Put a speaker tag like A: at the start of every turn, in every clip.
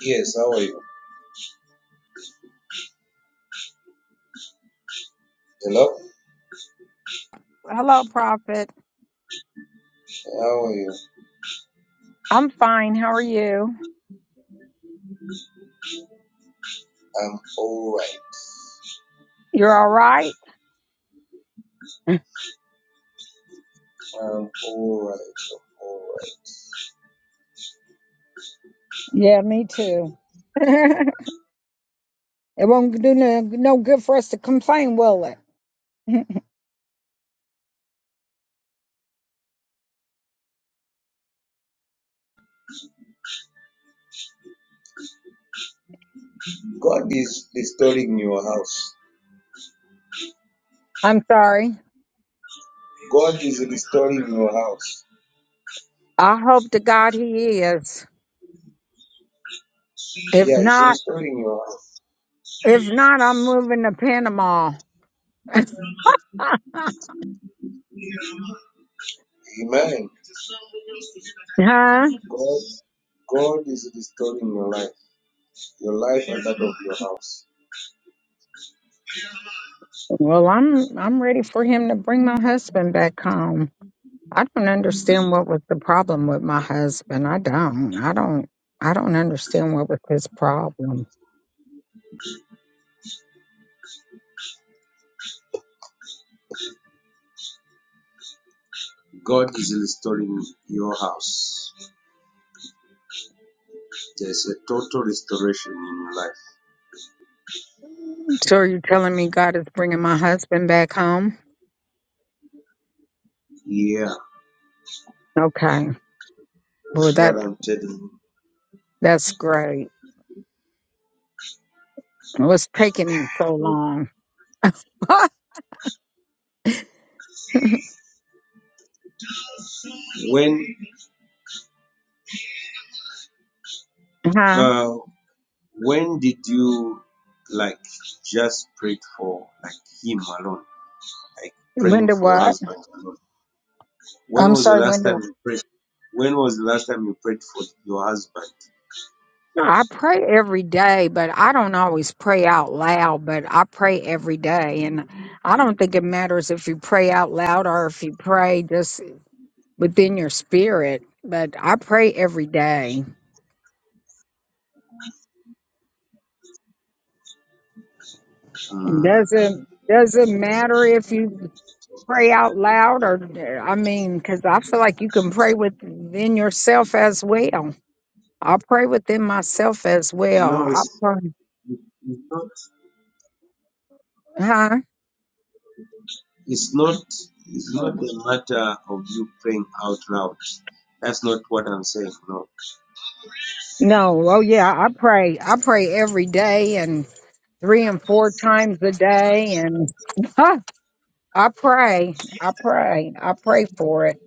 A: Yes, how are you? Hello?
B: Hello, Prophet.
A: How are you?
B: I'm fine. How are you?
A: I'm alright.
B: You're all right?
A: I'm alright. I'm alright.
B: Yeah, me too. It won't do no, no good for us to complain, will it?
A: God is restoring your house.
B: I'm sorry.
A: God is restoring your house.
B: I hope to God he is. If
A: Yeah, He's
B: not,
A: restoring your house.
B: if not, I'm moving to Panama.
A: Amen.
B: huh?
A: God, God is restoring your life. Your life and that of your house.
B: Well, I'm I'm ready for him to bring my husband back home. I don't understand what was the problem with my husband. I don't. I don't. I don't understand what was his problem.
A: God is restoring your house. There's a total restoration in your life.
B: So are you telling me God is bringing my husband back home?
A: Yeah,
B: Okay. Well,
A: that's what
B: that's
A: I'm telling
B: that's great. What's taking him so
A: you.
B: long? huh?
A: When uh, When did you like just prayed for like him alone, like
B: When
A: praying
B: do
A: for your
B: what?
A: husband alone? When
B: I'm
A: was the
B: sorry,
A: last
B: when
A: time
B: do
A: you prayed? When was the last time you prayed for your husband?
B: I pray every day, but I don't always pray out loud, but I pray every day. And I don't think it matters if you pray out loud or if you pray just within your spirit, but I pray every day.
A: Mm,
B: Doesn't doesn't matter if you pray out loud or i mean because i feel like you can pray within yourself as well i pray within myself as well
A: no,
B: i
A: it's,
B: pray
A: it's not.
B: huh
A: It's not. It's not a matter of you praying out loud. That's not what I'm saying. No.
B: no oh yeah i pray i pray every day and three and four times a day and i pray i pray i pray for it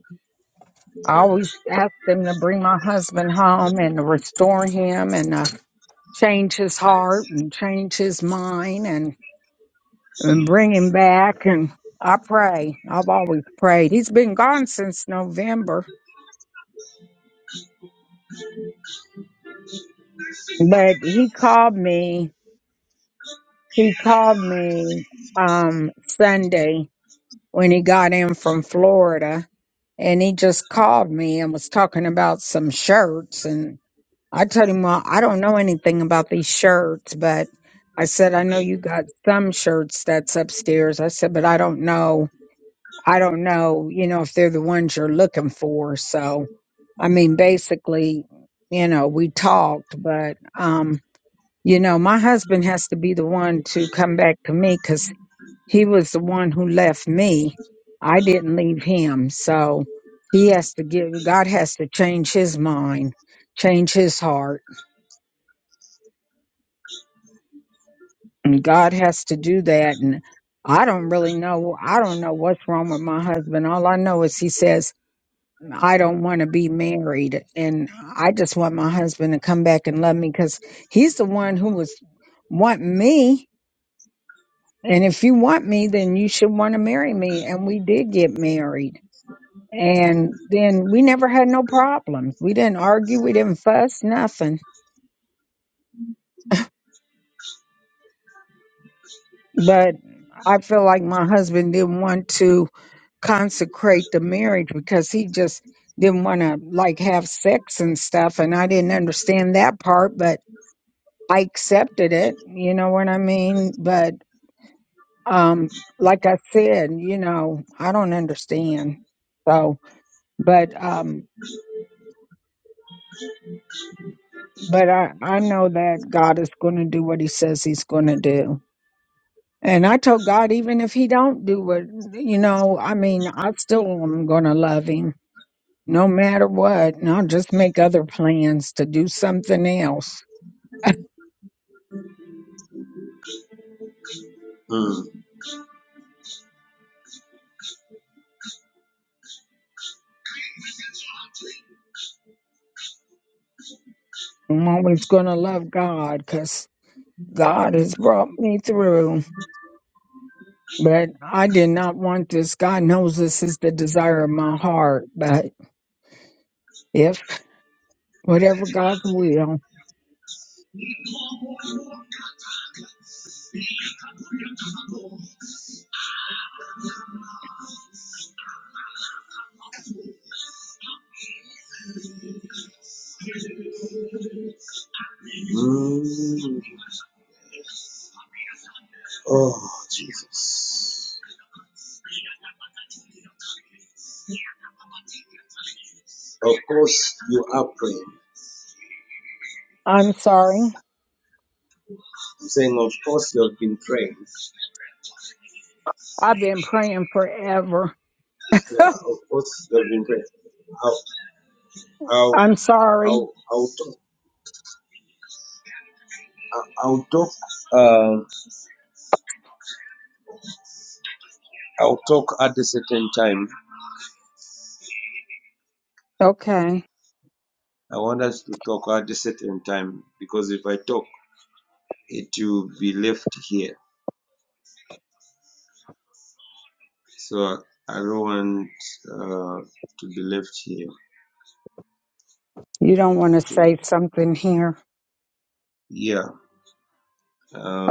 B: i always ask them to bring my husband home and to restore him and uh, change his heart and change his mind and. and bring him back. And I pray. I've always prayed. He's been gone since November, but he called me. He called me um, Sunday when he got in from Florida, and he just called me and was talking about some shirts. And I told him, well, I don't know anything about these shirts, but I said, I know you got some shirts that's upstairs. I said, but I don't know. I don't know, you know, if they're the ones you're looking for. So I mean, basically, you know, we talked, but, um, you know, my husband has to be the one to come back to me because he was the one who left me. I didn't leave him. So he has to give, God has to change his mind, change his heart. And God has to do that. And I don't really know. I don't know what's wrong with my husband. All I know is he says. I don't want to be married and I just want my husband to come back and love me because he's the one who was want me. And if you want me, then you should want to marry me. And we did get married. And then we never had no problem. We didn't argue. We didn't fuss, nothing. But I feel like my husband didn't want to consecrate the marriage because he just didn't want to like have sex and stuff. And I didn't understand that part, but I accepted it, you know what I mean? But um like I said, you know, I don't understand. So, but um but I I know that God is going to do what he says he's going to do. And I told God even if he don't do what, you know, I mean, I still am going to love him no matter what. And I'll just make other plans to do something else.
A: Mm.
B: I'm always going to love God because God has brought me through. But I did not want this. God knows this is the desire of my heart. But if whatever God's will,
A: Mm. Oh, Jesus. Of course, you are praying.
B: I'm sorry.
A: I'm saying, of course, you've been trained.
B: I've been praying forever.
A: Yeah, of course, you've been trained. I'll, I'll,
B: I'm sorry.
A: I'll, I'll talk. I'll I'll talk. Uh, I'll talk at a certain time.
B: Okay.
A: I want us to talk at a certain time because if I talk, it will be left here. So I don't want uh, to be left here.
B: You don't want
A: Uh,
B: to
A: to,
B: say something here.
A: yeah.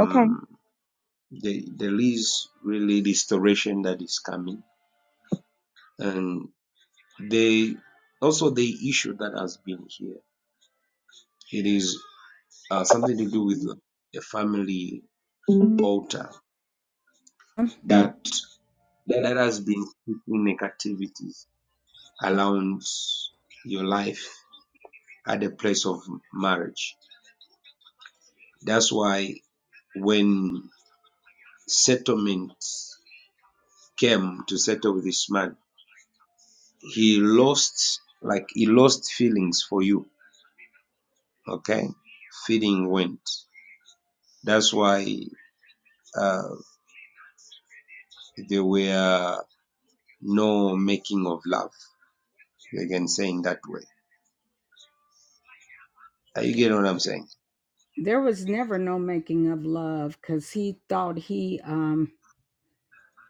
B: Okay.
A: the, there is really restoration that is coming, and. They also the issue that has been here. It is uh, something to do with the family altar
B: That
A: that
B: that
A: that has been keeping negativities around your life at the place of marriage. That's why when settlement came to settle with this man, he lost like he lost feelings for you. Okay, feeling went. That's why uh, they were. no making of love. You can say in that way. you get what I'm saying?
B: There was never no making of love because he thought he um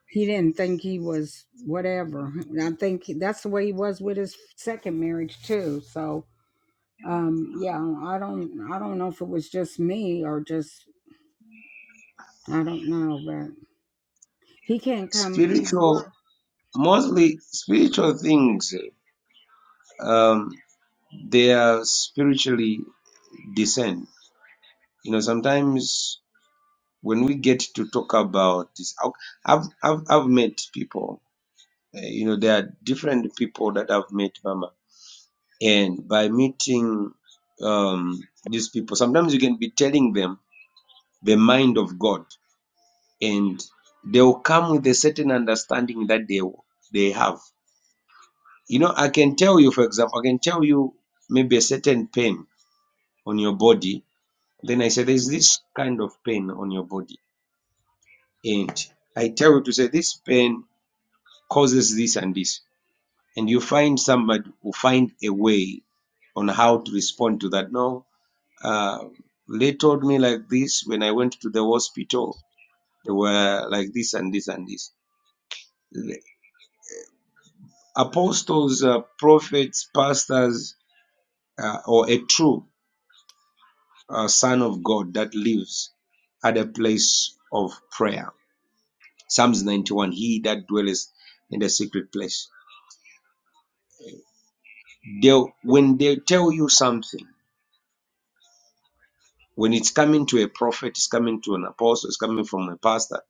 B: he didn't think he was whatever. I think he- that's the way he was with his second marriage too. So um yeah, I don't I don't know if it was just me or just I don't know, but he can't come. He's going.
A: Spiritual, mostly spiritual things, um, they are spiritually discerned. You know, sometimes when we get to talk about this, I've, I've, I've I've met people, uh, you know, there are different people that I've met, Mama. And by meeting um, these people, sometimes you can be telling them the mind of God and they will come with a certain understanding that they they have. You know, I can tell you, for example, I can tell you maybe a certain pain on your body. Then I say there's this kind of pain on your body, and I tell you to say this pain causes this and this, and you find somebody who find a way on how to respond to that. No, uh, they told me like this when I went to the hospital. They were like this and this and this apostles, uh, prophets, pastors, uh, or a true uh, son of God that lives at a place of prayer. Psalms 91 He that dwelleth in the secret place. They'll, when they tell you something, when it's coming to a prophet, it's coming to an apostle, it's coming from a pastor,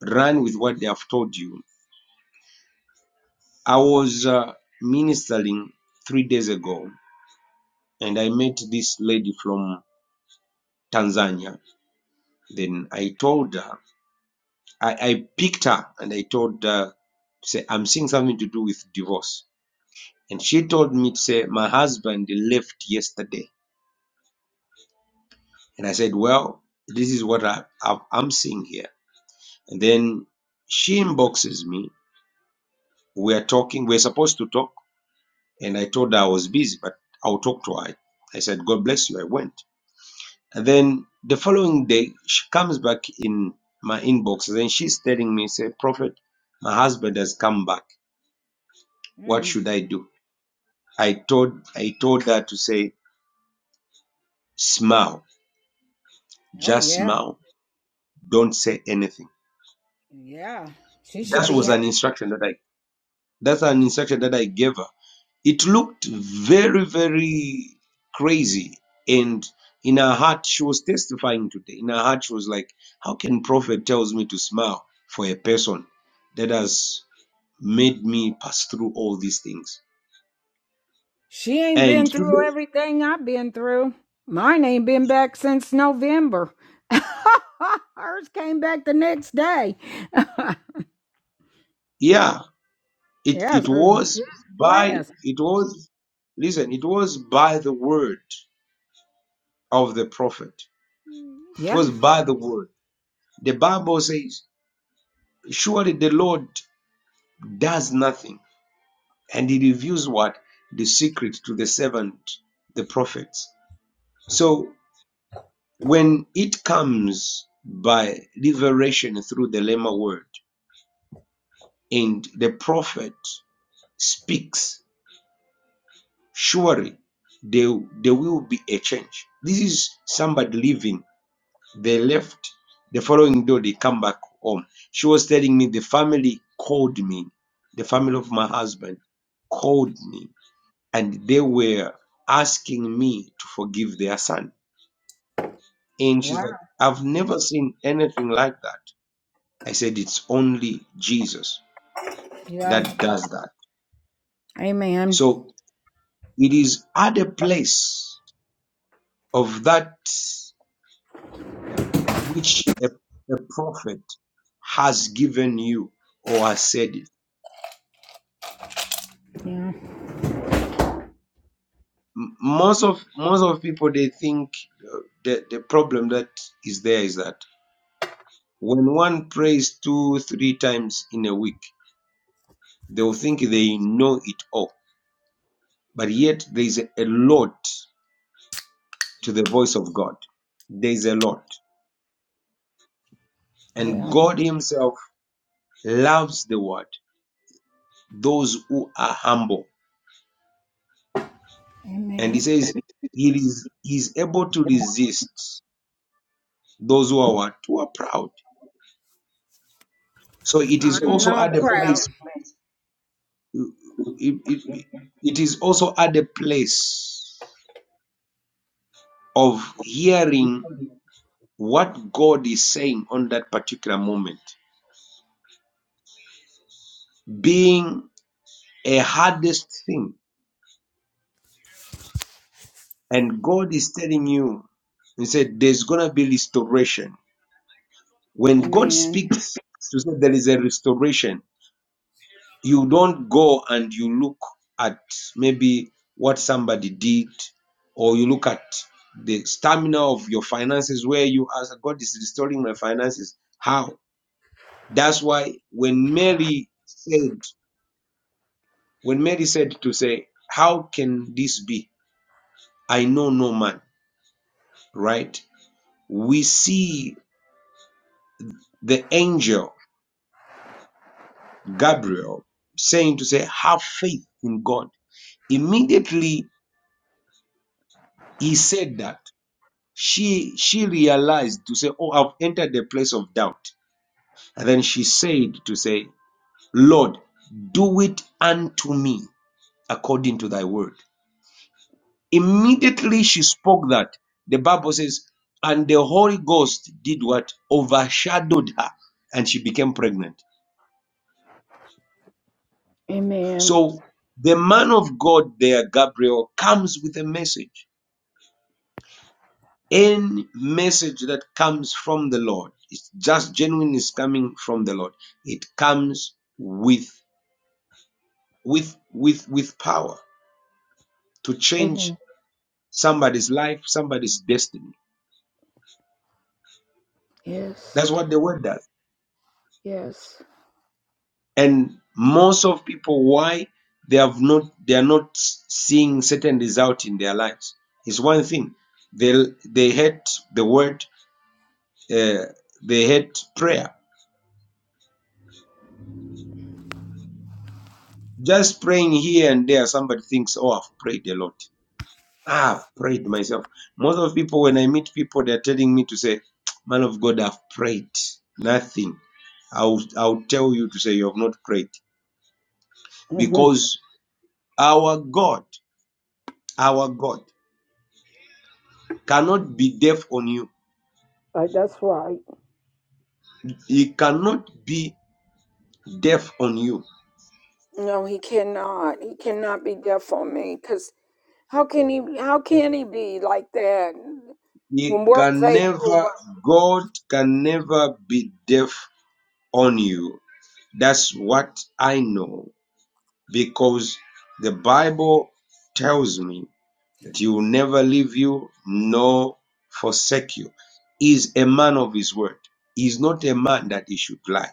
A: run with what they have told you. I was uh, ministering three days ago and I met this lady from Tanzania. Then I told her. I, I picked her and I told her to say, I'm seeing something to do with divorce. And she told me to say, My husband left yesterday. And I said, Well, this is what I, I, I'm seeing here. And then she inboxes me. We're talking, we're supposed to talk. And I told her I was busy, but I'll talk to her. I said, God bless you. I went. And then the following day, she comes back in my inbox. And then she's telling me, say, Prophet, my husband has come back. What
B: Mm.
A: should I do? I told I told her to say smile,
B: Oh
A: just
B: yeah,
A: smile, don't say anything.
B: yeah. She should
A: That
B: be.
A: was an instruction that I that's an instruction that I gave her. It looked very very crazy, and in her heart she was testifying today. In her heart she was like, "How can prophet tells me to smile for a person that has made me pass through all these things?"
B: She ain't
A: And
B: been through
A: today,
B: everything I've been through. Mine ain't been back since November. Hers came back the next day.
A: yeah, It
B: yes,
A: it
B: she's
A: was by
B: blessed.
A: it was listen, it was by the word of the prophet. It
B: Yeah.
A: was by the word. The Bible says, Surely the Lord does nothing, and he reveals what? The secret to the servant, the prophets. So when it comes by liberation through the Lema word, and the prophet speaks surely there, there will be a change. This is somebody leaving. They left. The following day, they come back home. She was telling me the family called me. The family of my husband called me and they were asking me to forgive their son. And she's
B: Wow.
A: like, I've never seen anything like that. I said, It's only Jesus
B: Yeah.
A: that does that.
B: Amen.
A: So it is at a place of that which a, a prophet has given you or has said it.
B: Yeah.
A: M- Most of most of people they think uh, the, the problem that is there is that when one prays two three times in a week, they'll think they know it all. But yet there is a lot to the voice of God. There is a lot, and
B: Yeah.
A: God Himself loves the word. Those who are humble, and He
B: Amen.
A: says He is He is able to resist Those who are what? Who are proud. So it is
B: I'm
A: also
B: not
A: at the
B: proud.
A: place. It, it, it is also at the place of hearing what God is saying on that particular moment, being a hardest thing, and God is telling you, He said, "There's gonna be restoration." When God
B: Amen.
A: speaks to say there is a restoration, you don't go and you look at maybe what somebody did or you look at the stamina of your finances where you ask god is restoring my finances how that's why when mary said when mary said to say how can this be i know no man right we see the angel gabriel saying to say have faith in god immediately he said that She she realized to say, Oh, I've entered the place of doubt. And then she said to say, Lord, do it unto me according to thy word. Immediately she spoke that. The Bible says, and the Holy Ghost did what? Overshadowed her, and she became pregnant.
B: Amen.
A: So the man of God there, Gabriel, comes with a message. Any message that comes from the Lord, it's just genuine is coming from the Lord. It comes with with with with power to change
B: Amen.
A: somebody's life, somebody's destiny.
B: Yes.
A: That's what the word does. And most of people, why they have not they are not seeing certain result in their lives is one thing. They they hate the word, uh, they hate prayer. Just praying here and there, somebody thinks, "Oh, I've prayed a lot." I've prayed myself. Most of people, when I meet people, they're telling me to say, Man of God, I've prayed. Nothing. I'll, I'll tell you to say you have not prayed.
B: hmm
A: Because our God, our God cannot be deaf on you.
B: Right, that's right.
A: He cannot be deaf on you.
B: No, he cannot. He cannot be deaf on me because how can he? How can he be like that
A: He
B: when we're
A: can
B: faithful?
A: never, God can never be deaf on you. That's what I know. Because the Bible tells me that he will never leave you nor forsake you. He is a man of his word. He is not a man that he should lie.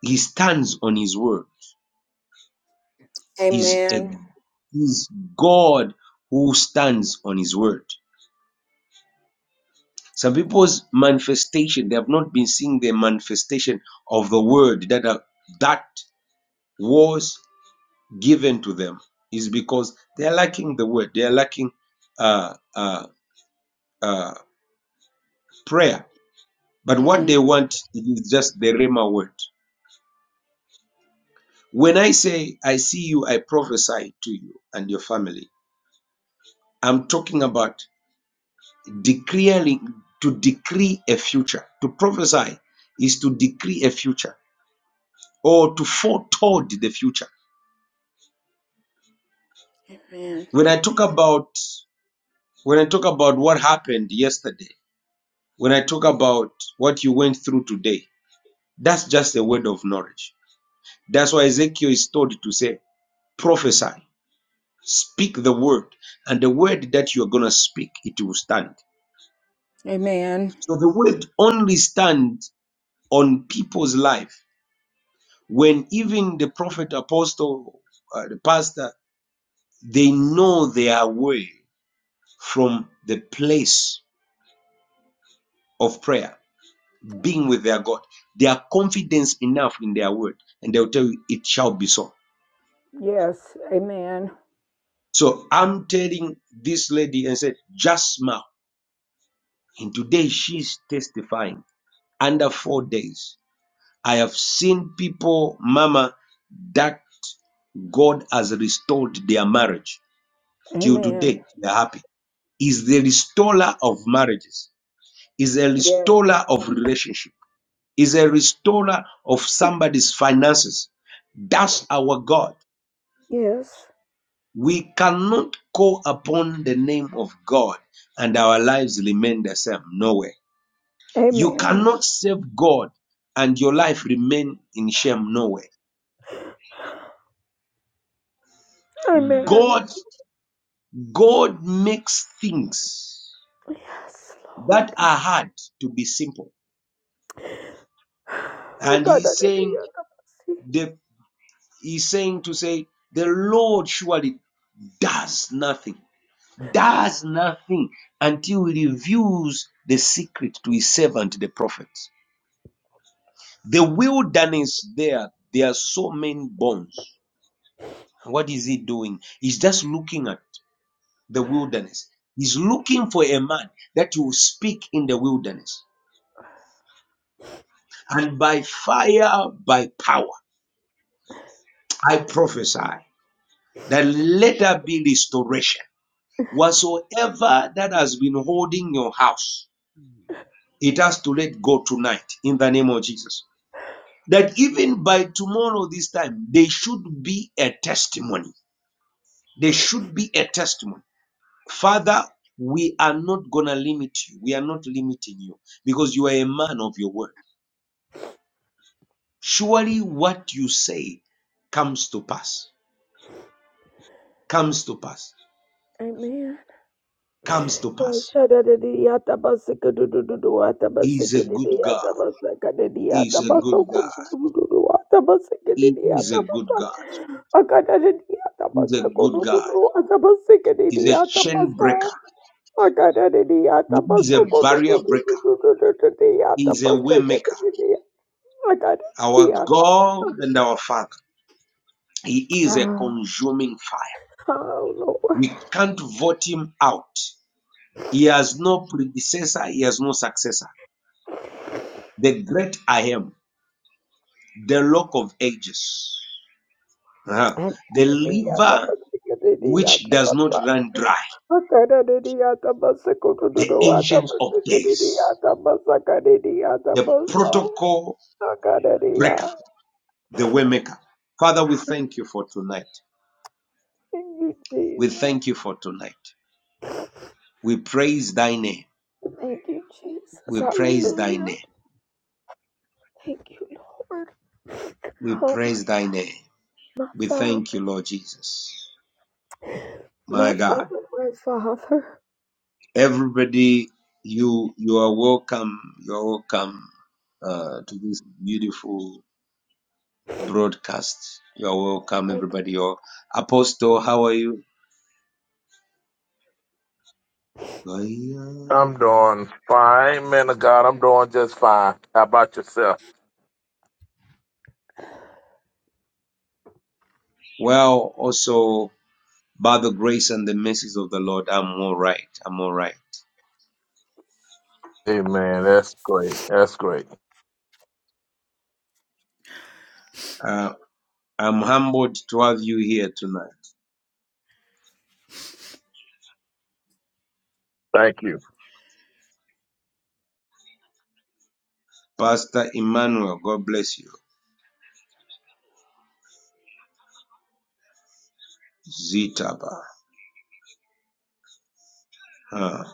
A: He stands on his word. He Is a
B: Amen.
A: he is God who stands on his word. Some people's manifestation, they have not been seeing the manifestation of the word that are, that was given to them is because they are lacking the word. They are lacking uh, uh, uh, prayer But what they
B: Mm,
A: want is just the Rhema word. When I say, I see you, I prophesy to you and your family, I'm talking about declaring, to decree a future. To prophesy is to decree a future or to foretold the future.
B: Amen.
A: When I talk about, when I talk about what happened yesterday, when I talk about what you went through today, that's just a word of knowledge. That's why Ezekiel is told to say, prophesy Speak the word, and the word that you're going to speak, it will stand.
B: Amen.
A: So the word only stands on people's life when even the prophet, apostle, uh, the pastor, they know they are away from the place of prayer, being with their God. They are confident enough in their word, and they'll tell you, it shall be so.
B: Yes. Amen.
A: So I'm telling this lady and said, just now. And today she's testifying under four days. I have seen people, Mama, that God has restored their marriage. Till
B: Amen.
A: today, they're happy. Is the restorer of marriages, is a
B: Yes.
A: restorer of relationship, is a restorer of somebody's finances. That's our God.
B: Yes.
A: We cannot call upon the name of God and our lives remain the same. No way. You
B: Amen.
A: cannot save God and your life remain in shame. No way.
B: Amen.
A: God God makes things
B: Yes,
A: that
B: Lord.
A: are hard to be simple. And
B: God, I
A: he's
B: didn't
A: saying
B: hear that.
A: the he's saying to say the Lord surely does nothing, does nothing until he reveals the secret to his servant the prophets. The wilderness there, there are so many bones. What is he doing? He's just looking at the wilderness. He's looking for a man that will speak in the wilderness. and by fire, by power, I prophesy that let there be restoration. Whatsoever that has been holding your house, it has to let go tonight in the name of Jesus. That even by tomorrow, this time, there should be a testimony. There should be a testimony. Father, we are not going to limit you. We are not limiting you because you are a man of your word. Surely what you say comes to pass. Comes to pass.
B: Amen.
A: comes to
B: Oh
A: pass. He is a good God. He is a good God. He is a good God. He is a good God. He is a chain breaker. He is a barrier breaker. He is a way maker. Our God and our Father. He is a consuming fire. We can't vote him out. He has no predecessor. He has no successor. The great I am, the rock of ages, uh-huh. the liver which does
B: Lord.
A: not run dry,
B: Akada dedi yata basa
A: the
B: kududu ata
A: ancients of
B: basa kedi
A: days.
B: yata basa kedi yata
A: the
B: basa.
A: protocol
B: Akada dedi ya.
A: breaker, the way maker. Father, we thank you for tonight.
B: Thank you,
A: We
B: Jesus.
A: thank you for tonight. We praise thy name.
B: Thank you, Jesus.
A: We praise thy
B: Hallelujah.
A: name.
B: Thank you, Lord.
A: We
B: Oh, my,
A: praise thy name.
B: my
A: We thank
B: Father.
A: you, Lord Jesus.
B: My
A: My God.
B: Father, my Father.
A: Everybody, you you are welcome. You are welcome uh, to this beautiful broadcast. You are welcome,
B: Thank you.
A: everybody. Your apostle, how are you?
C: I'm doing fine, man of God. I'm doing just fine. How about yourself?
A: Well, also. by the grace and the mercies of the Lord, I'm all right. I'm all right.
C: Amen. That's great. That's great.
A: Uh, I'm humbled to have you here tonight.
C: Thank you.
A: Pastor Emmanuel, God bless you. Zitaba. Huh.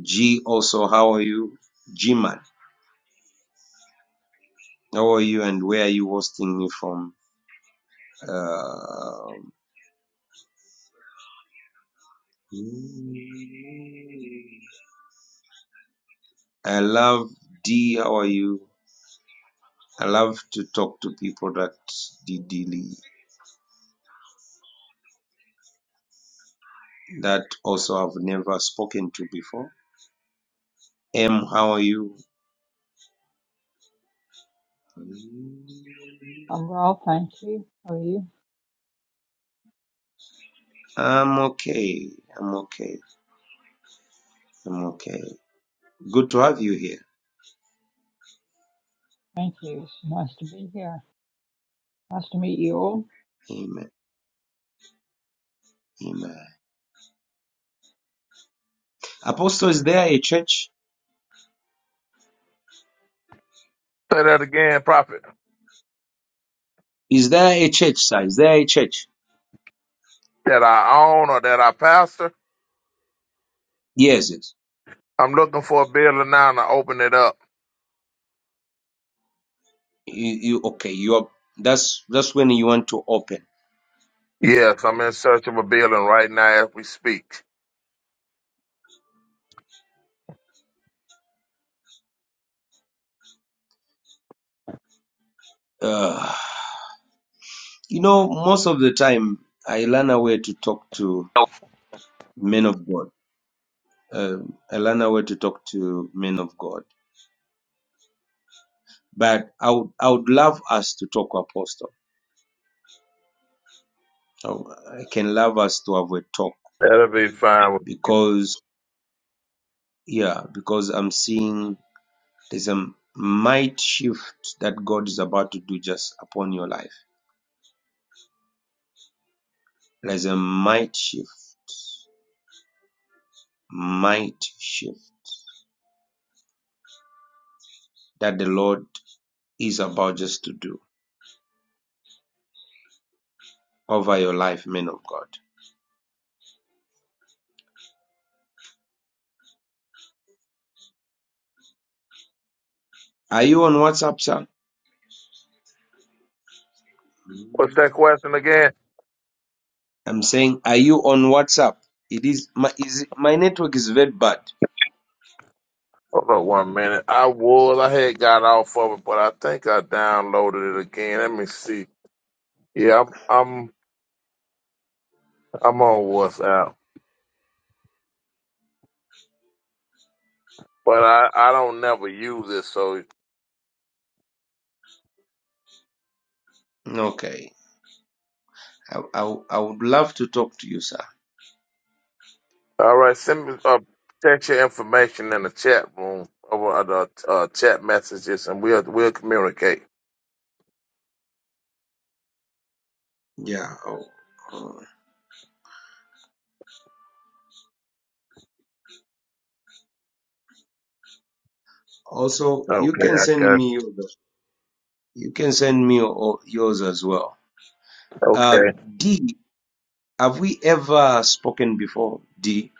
A: G also, how are you? G man, how are you and where are you hosting me from? Uh, I love D, how are you? I love to talk to people that DD that also I've never spoken to before. M, how are you?
D: I'm well, thank you. How are you?
A: I'm okay. I'm okay. I'm okay. Good to have you here.
D: Thank you. It's nice to be here. Nice to meet you all.
A: Amen. Amen. Apostle, is there a church?
C: Say that again, Prophet.
A: Is there a church, sir? Is there a church?
C: That I own or that I pastor.
A: Yes, yes.
C: I'm looking for a building now to open it up.
A: You, you okay? You are. That's that's when you want to open.
C: Yes, I'm in search of a building right now as we speak.
A: Uh, you know, most of the time I learn a way to talk to men of God. Uh, I learn a way to talk to men of God. But I would I would love us to talk, Apostle. I w- I can love us to have a talk
C: That'll be fine.
A: because Yeah, because I'm seeing there's a might shift that God is about to do just upon your life. There's a might shift, might shift that the Lord is about just to do over your life, men of God. Are you on WhatsApp, sir?
C: What's that question again?
A: I'm saying, are you on WhatsApp? It is my is my network is very bad.
C: Hold on one minute. I was, I had got off of it, but I think I downloaded it again. Let me see. Yeah, I'm, I'm, I'm on WhatsApp. but I, I don't never use it. So,
A: Okay, I, I I would love to talk to you, sir.
C: all right, send me uh, text your information in the chat room over the uh, chat messages, and we'll we'll communicate.
A: Yeah. Oh, oh. Also,
C: Okay,
A: you can
C: I
A: send
C: got.
A: me your you can send me your, yours as well. Uh,
C: Okay,
A: D, have we ever spoken before? D,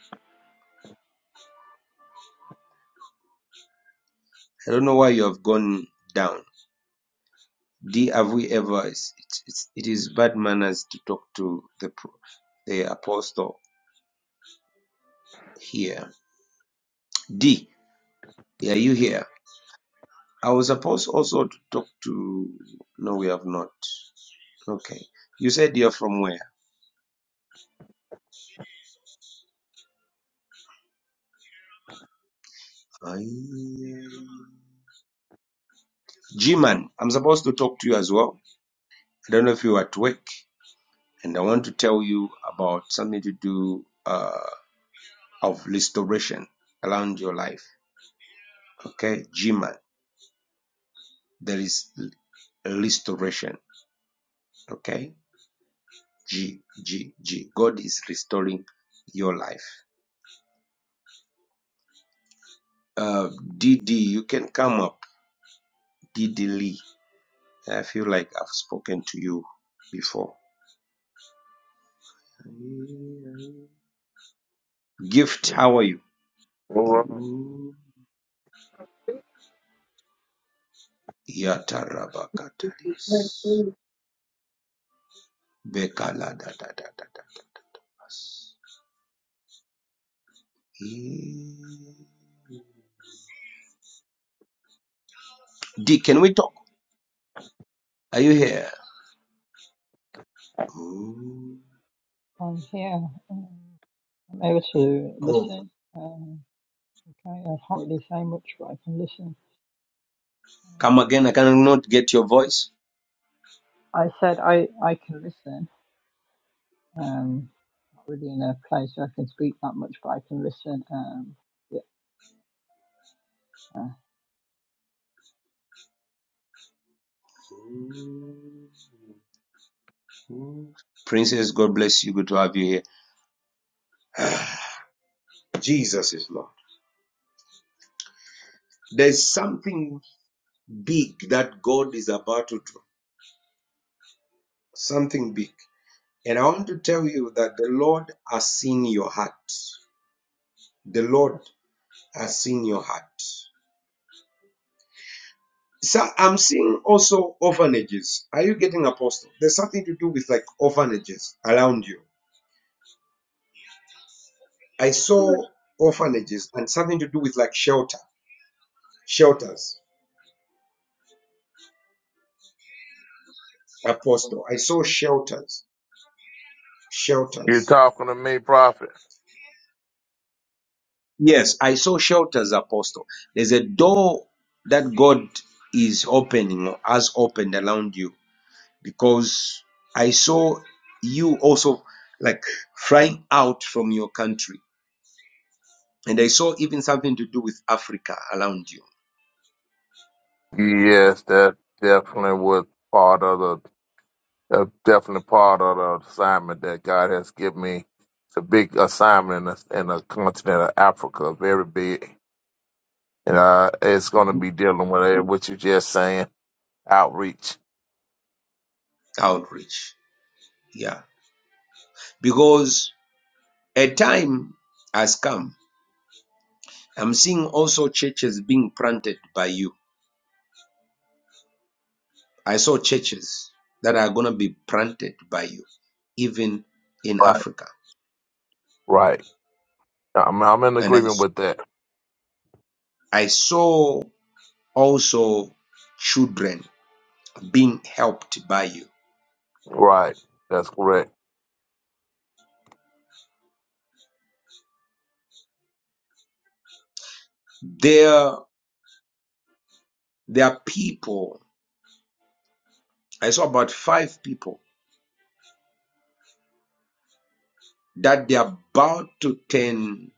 A: I don't know why you have gone down. D, have we ever? It's, it's, it's- it is bad manners to talk to the pro- the apostle here. D, are you here? I was supposed also to talk to. No, we have not. Okay. You said you're from where? I... G-Man, I'm supposed to talk to you as well. I don't know if you're at work, and I want to tell you about something to do. Uh, of restoration around your life. Okay, G man, there is restoration. Okay, G G G. God is restoring your life. Uh, D. D, you can come up. DD Lee, I feel like I've spoken to you before. Gift, how are you?
C: well,
A: D, can we talk? Are you here? Ooh.
D: I'm here. Um, I'm able to
A: Oh.
D: listen. Um, okay, I can't really say much, but I can listen. Um,
A: Come again, I cannot get your voice.
D: I said I, I can listen. Um, not really in a place where I can speak that much, but I can listen. Um, yeah. Uh,
A: Princess, God bless you. Good to have you here. Jesus is Lord. There's something big that God is about to do. Something big. And I want to tell you that the Lord has seen your heart. The Lord has seen your heart. So I'm seeing also orphanages. Are you getting apostle? There's something to do with like orphanages around you. I saw orphanages and something to do with like shelter, shelters, Apostle. I saw shelters,
C: you
A: shelters.
C: talking to me, Prophet?
A: Yes, I saw shelters, Apostle. There's a door that God is opening or has opened around you because I saw you also like flying out from your country. And I saw even something to do with Africa around you,
C: Yes, that definitely was part of the that's definitely part of the assignment that God has given me. It's a big assignment in the, in the continent of Africa, very big, and uh, it's going to be dealing with it, what you just saying, outreach.
A: outreach. Yeah. Because a time has come I'm seeing also churches being planted by you. I saw churches that are going to be planted by you, even in Africa.
C: Right. I'm, I'm in
A: And I,
C: agreement with that.
A: I saw also children being helped by you.
C: Right. That's correct.
A: There, there are people, I saw about five people that they're about to turn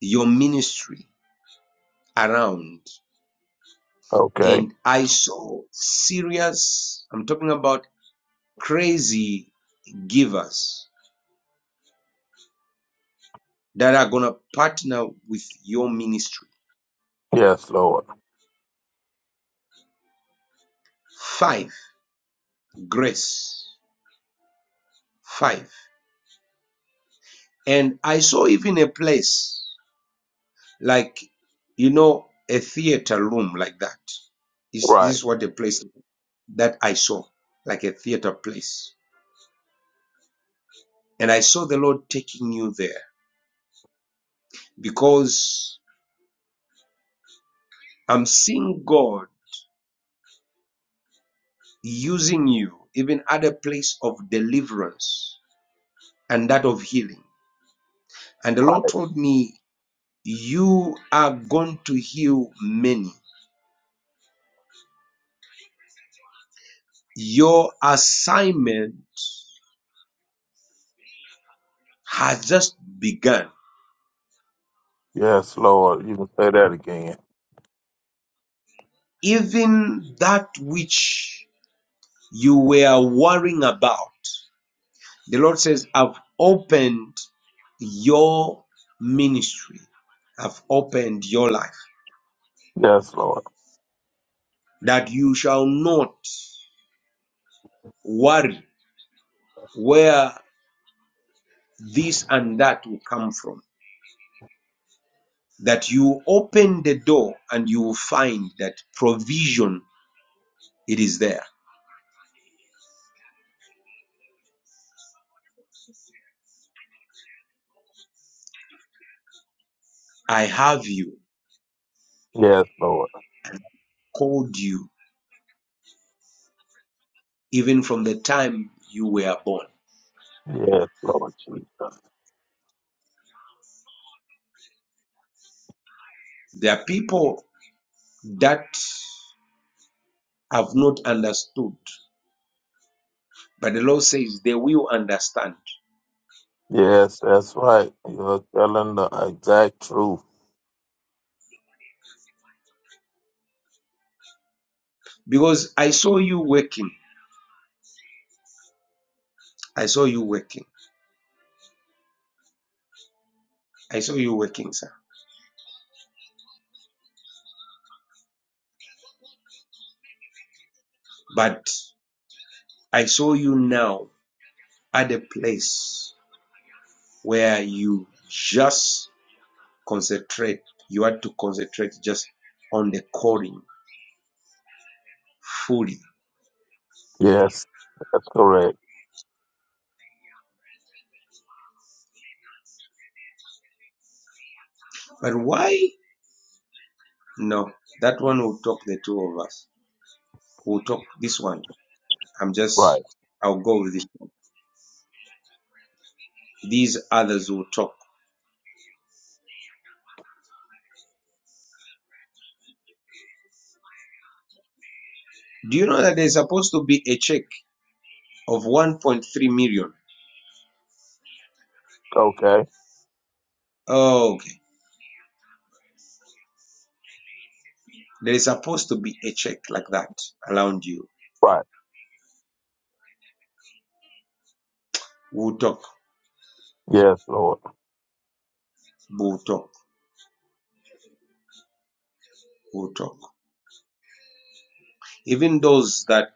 A: your ministry around.
C: Okay.
A: And I saw serious, I'm talking about crazy givers that are going to partner with your ministry.
C: Yes, Lord.
A: Five, grace. Five. And I saw even a place like, you know, a theater room like that. Is this
C: Right.
A: what the place that I saw, like a theater place. And I saw the Lord taking you there because I'm seeing God using you even at a place of deliverance and that of healing. And the
C: Right.
A: Lord told me You are going to heal many. Your assignment has just begun.
C: Yes, Lord. You can say that again.
A: Even that which you were worrying about, the Lord says, I've opened your ministry, I've opened your life,
C: Yes, Lord.
A: that you shall not worry where this and that will come from. That you open the door and you will find that provision It is there. I have you,
C: Yes, Lord.
A: called you, even from the time you were born.
C: Yes, Lord Jesus.
A: There are people that have not understood, but the Lord says they will understand.
C: Yes, that's right. You're telling the exact truth.
A: Because I saw you working. I saw you working. I saw you working, sir. But I saw you now at a place where you just concentrate. You had to concentrate just on the calling fully.
C: Yes, that's correct.
A: But why No, that one will talk the two of us. We'll talk this one. I'm just,
C: Right.
A: I'll go with this one. These others will talk. Do you know that there's supposed to be a check of 1.3 million?
C: Okay.
A: Oh, okay. There is supposed to be a check like that around you.
C: Right.
A: We'll talk,
C: Yes, Lord.
A: we'll talk, we'll talk. Even those that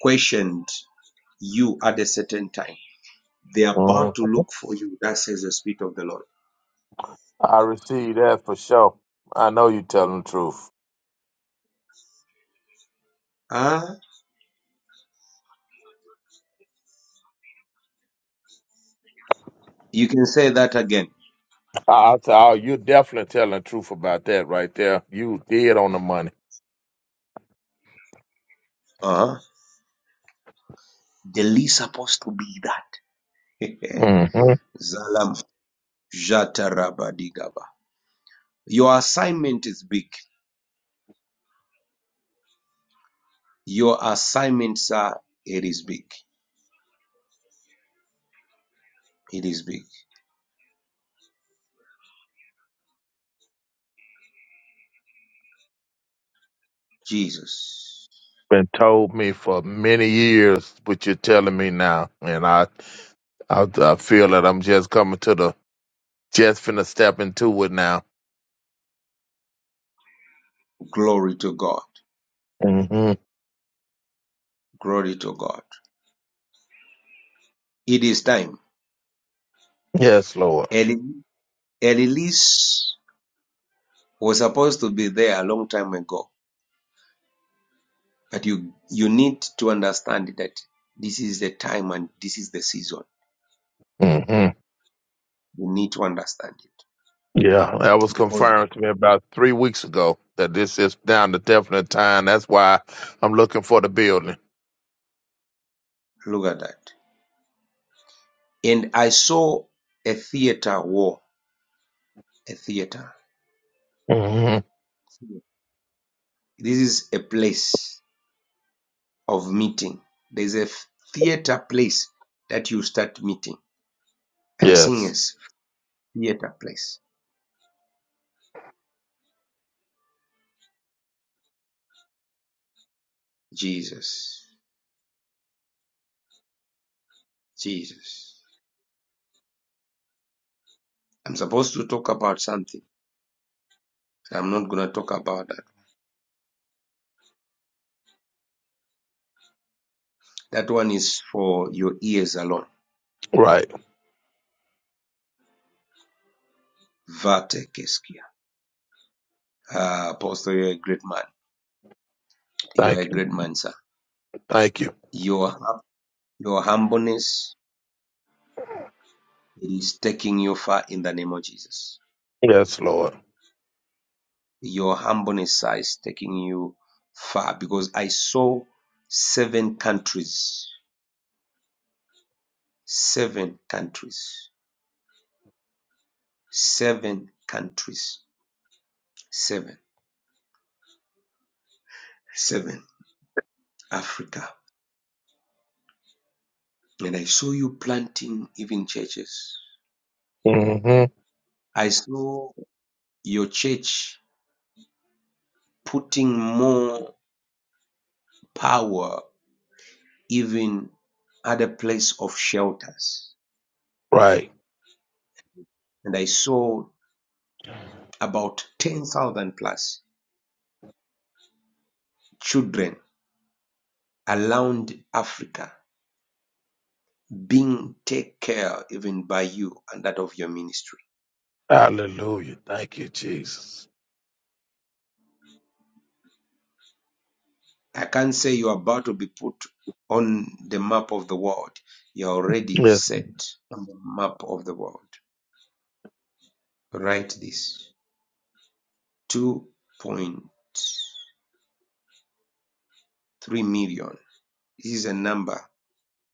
A: questioned you at a certain time, they're
C: Mhm.
A: about to look for you. That says the Spirit of the Lord.
C: I receive that for sure. I know you're telling the truth.
A: Ah, you can say that again.
C: I'll, i you're definitely telling the truth about that right there. You did on the money.
A: Uh huh The least supposed to be that.
C: hmm
A: Zalam Jatarabadigaba. Your assignment is big. Your assignment, sir, it is big. It is big. Jesus.
C: Been told me for many years what you're telling me now, and I, I, I feel that I'm just coming to the just finna step into it now.
A: Glory to God.
C: hmm
A: Glory to God. It is time.
C: Yes, Lord.
A: Eli- Elise was supposed to be there a long time ago. But you you need to understand that this is the time and this is the season.
C: hmm
A: You need to understand it.
C: Yeah, that was
A: Because
C: confirmed to me about three weeks ago that this is down to definite time. That's why I'm looking for the building.
A: look at that. And I saw a theater war, a theater.
C: hmm
A: This is a place of meeting. There's a theater place that you start meeting. I'm seeing a
C: Yes,
A: s- theater place. Jesus, Jesus. I'm supposed to talk about something. I'm not going to talk about that. That one is for your ears alone.
C: right.
A: Vate Keskia. Ah, Apostle, you're a great man. You are a
C: Thank you.
A: great man, sir.
C: Thank you.
A: Your, your humbleness It is taking you far in the name of Jesus.
C: Yes, Lord.
A: Your humbleness is taking you far because I saw seven countries, seven countries, seven countries, seven, seven, Africa. And I saw you planting even churches. I saw your church putting more power even at a place of shelters.
C: Right.
A: And I saw about 10,000 plus Children around Africa being taken care even by you and that of your ministry.
C: Hallelujah. Thank you, Jesus.
A: I can't say you're about to be put on the map of the world. You're already
C: Yes.
A: set on the map of the world. Write this 2.3 million. This is a number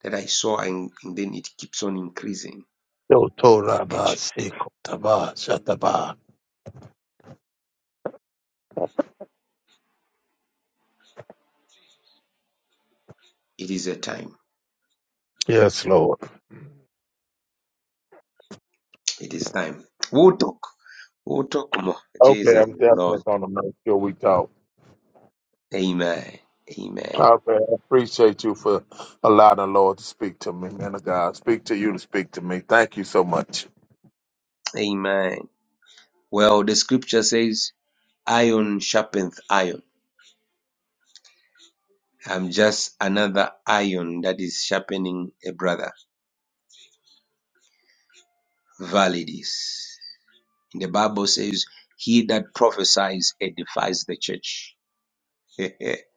A: that I saw, and, and then it keeps on increasing.
C: Yo, Torah ba, Siko, Taba, Shataba.
A: it is a time.
C: Yes, Lord.
A: It is time. We'll talk. We'll talk more.
C: Okay,
A: Jesus
C: I'm
A: is
C: definitely
A: Lord.
C: going to make sure we talk.
A: Amen. Amen.
C: Okay, I appreciate you for allowing the Lord to speak to me, man of God. Speak to you to speak to me. Thank you so much.
A: Amen. Well, the scripture says, iron sharpeneth iron. I'm just another iron that is sharpening a brother. Valid The Bible says, he that prophesies edifies the church.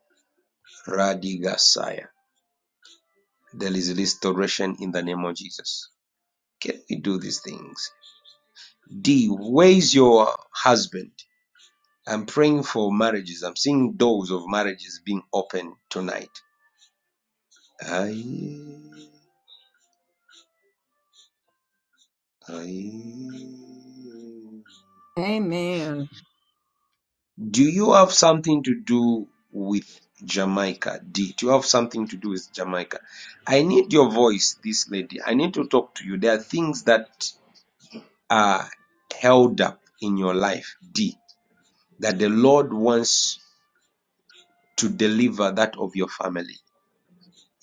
A: Radigasaya. There is restoration in the name of Jesus. Can we do these things? D, where's your husband? I'm praying for marriages. I'm seeing doors of marriages being opened tonight. Aye. Do
B: Amen.
A: you have something to do with Jamaica? D, do you have something to do with Jamaica? I need your voice, this lady. I need to talk to you. There are things that are held up in your life, D, that the Lord wants to deliver that of your family.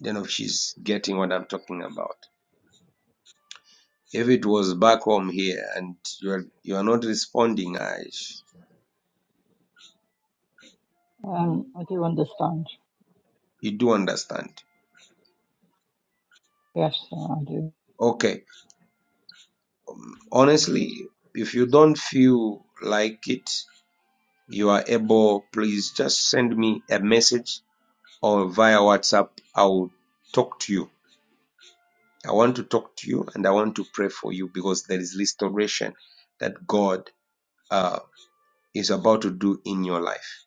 A: I don't know if she's getting what I'm talking about. If it was back home here and you're you're not responding, I
D: Um, I do understand.
A: you do understand.
D: Yes, I do.
A: Okay. honestly, if you don't feel like it, you are able, please just send me a message or via WhatsApp. I'll talk to you. I want to talk to you and I want to pray for you because there is restoration that God uh, is about to do in your life.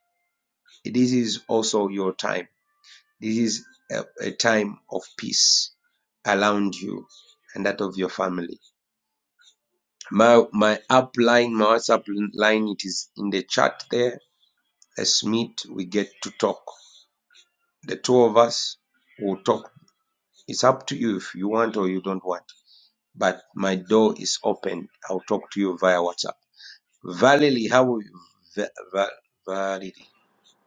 A: This is also your time. This is a, a time of peace around you and that of your family. My my app line, my WhatsApp line, it is in the chat there Let's meet. We get to talk. The two of us will talk. It's up to you if you want or you don't want. But my door is open. I'll talk to you via WhatsApp. Valerie, how are you? Va- Va- Valerie.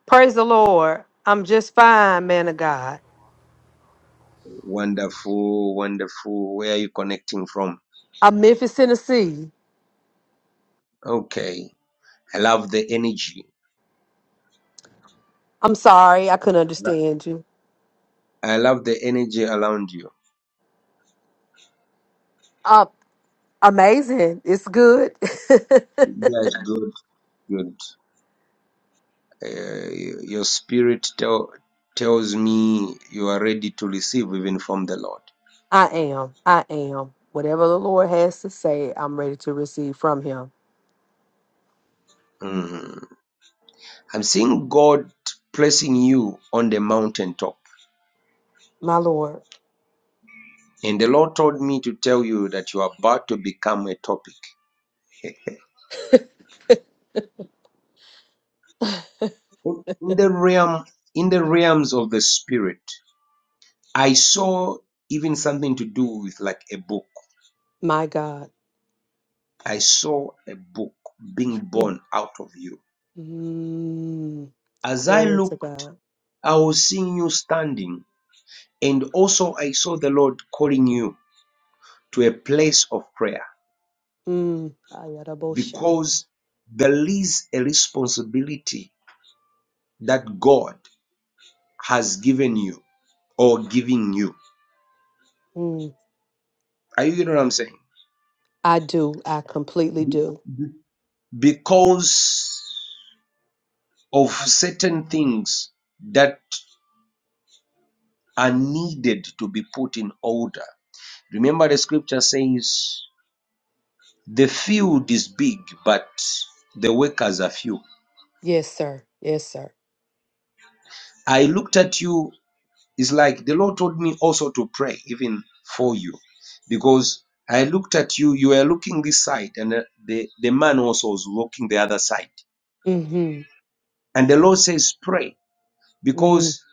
E: Praise the Lord. I'm just fine, man of God.
A: Wonderful, wonderful. Where are you connecting from?
E: I'm Memphis, Tennessee.
A: Okay. I love the energy.
E: I'm sorry, I couldn't understand you.
A: I love the energy around you.
E: Uh, amazing. It's good.
A: Yes, good, good. Uh, your spirit tell, tells me you are ready to receive even from the Lord.
E: I am. I am. Whatever the Lord has to say, I'm ready to receive from Him.
A: Mhm. I'm seeing God placing you on the mountaintop.
E: My Lord,
A: And the Lord told me to tell you that you are about to become a topic. In the realm, in the realms of the spirit, I saw even something to do with like a book.
E: my God.
A: I saw a book being born out of you.
E: Mm,
A: As I
E: glory to
A: looked,
E: God.
A: I was seeing you standing, and also I saw the Lord calling you to a place of prayer
E: Mm, ayarabosha.
A: because there is a responsibility that God has given you or giving you.
E: mm,
A: Are you getting what I'm saying?
E: I do. I completely do.
A: Because of certain things that are needed to be put in order. Remember, the scripture says, The field is big, but the workers are few.
E: Yes, sir. Yes, sir.
A: I looked at you, it's like the Lord told me also to pray, even for you, because I looked at you, you were looking this side, and uh, the, the man also was looking the other side
E: Mm-hmm.
A: And the Lord says, Pray,
E: Mm,
A: because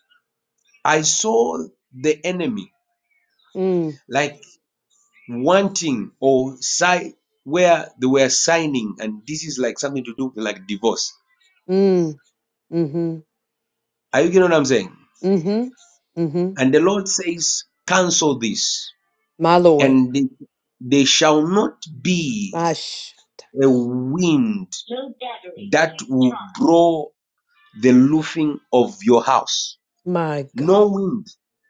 A: I saw the enemy
E: mm,
A: like wanting or side where they were signing, and this is like something to do with like divorce.
E: mm. Mm-hmm.
A: Are you getting what I'm saying?
E: Mm-hmm. Mm-hmm.
A: And the Lord says, Cancel this,
E: My Lord.
A: and they, they shall not be
E: My sh-
A: a wind that will blow the roofing of your house.
E: my God.
A: No wind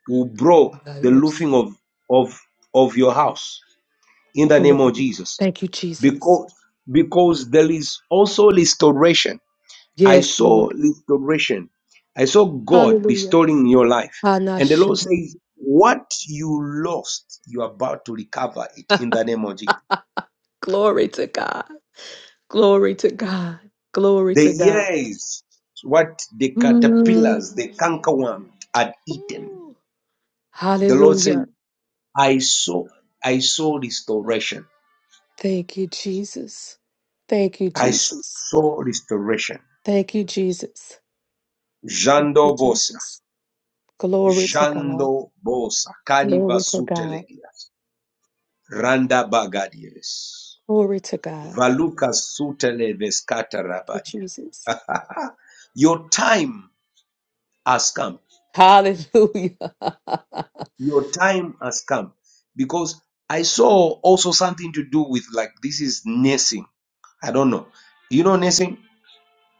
A: will blow
E: God,
A: the
E: oops.
A: roofing of, of, of your house in the name of
E: Hallelujah.
A: Jesus.
E: Thank you, Jesus.
A: Because because there is also restoration. I
E: Yes,
A: saw
E: Lord.
A: restoration. I saw God
E: Hallelujah.
A: restoring your life. And the
E: Hanasha.
A: Lord says, What you lost, you're about to recover it in the name of Jesus.
E: Glory to God. Glory to God. Glory
A: The
E: to God.
A: years, what the
E: Mm.
A: caterpillars, the cankerworm had eaten.
E: Ooh.
A: The Lord said,
E: Hallelujah.
A: I saw, I saw restoration.
E: Thank you, Jesus. Thank you,
A: I
E: Jesus.
A: saw restoration.
E: Thank you, Jesus. Thank you,
A: Jando
E: Jesus. Glory to God.
A: Jando Bosa Kaliva
E: Glory to God.
A: Sutelegias Randa Bagadies
E: Glory to God.
A: Valuka Suteleves
E: For
A: Katarabadia.
E: Jesus.
A: Ah, Your time has come.
E: Hallelujah.
A: Your time has come. Because I saw also something to do with like this is nursing. I don't know. You know nursing?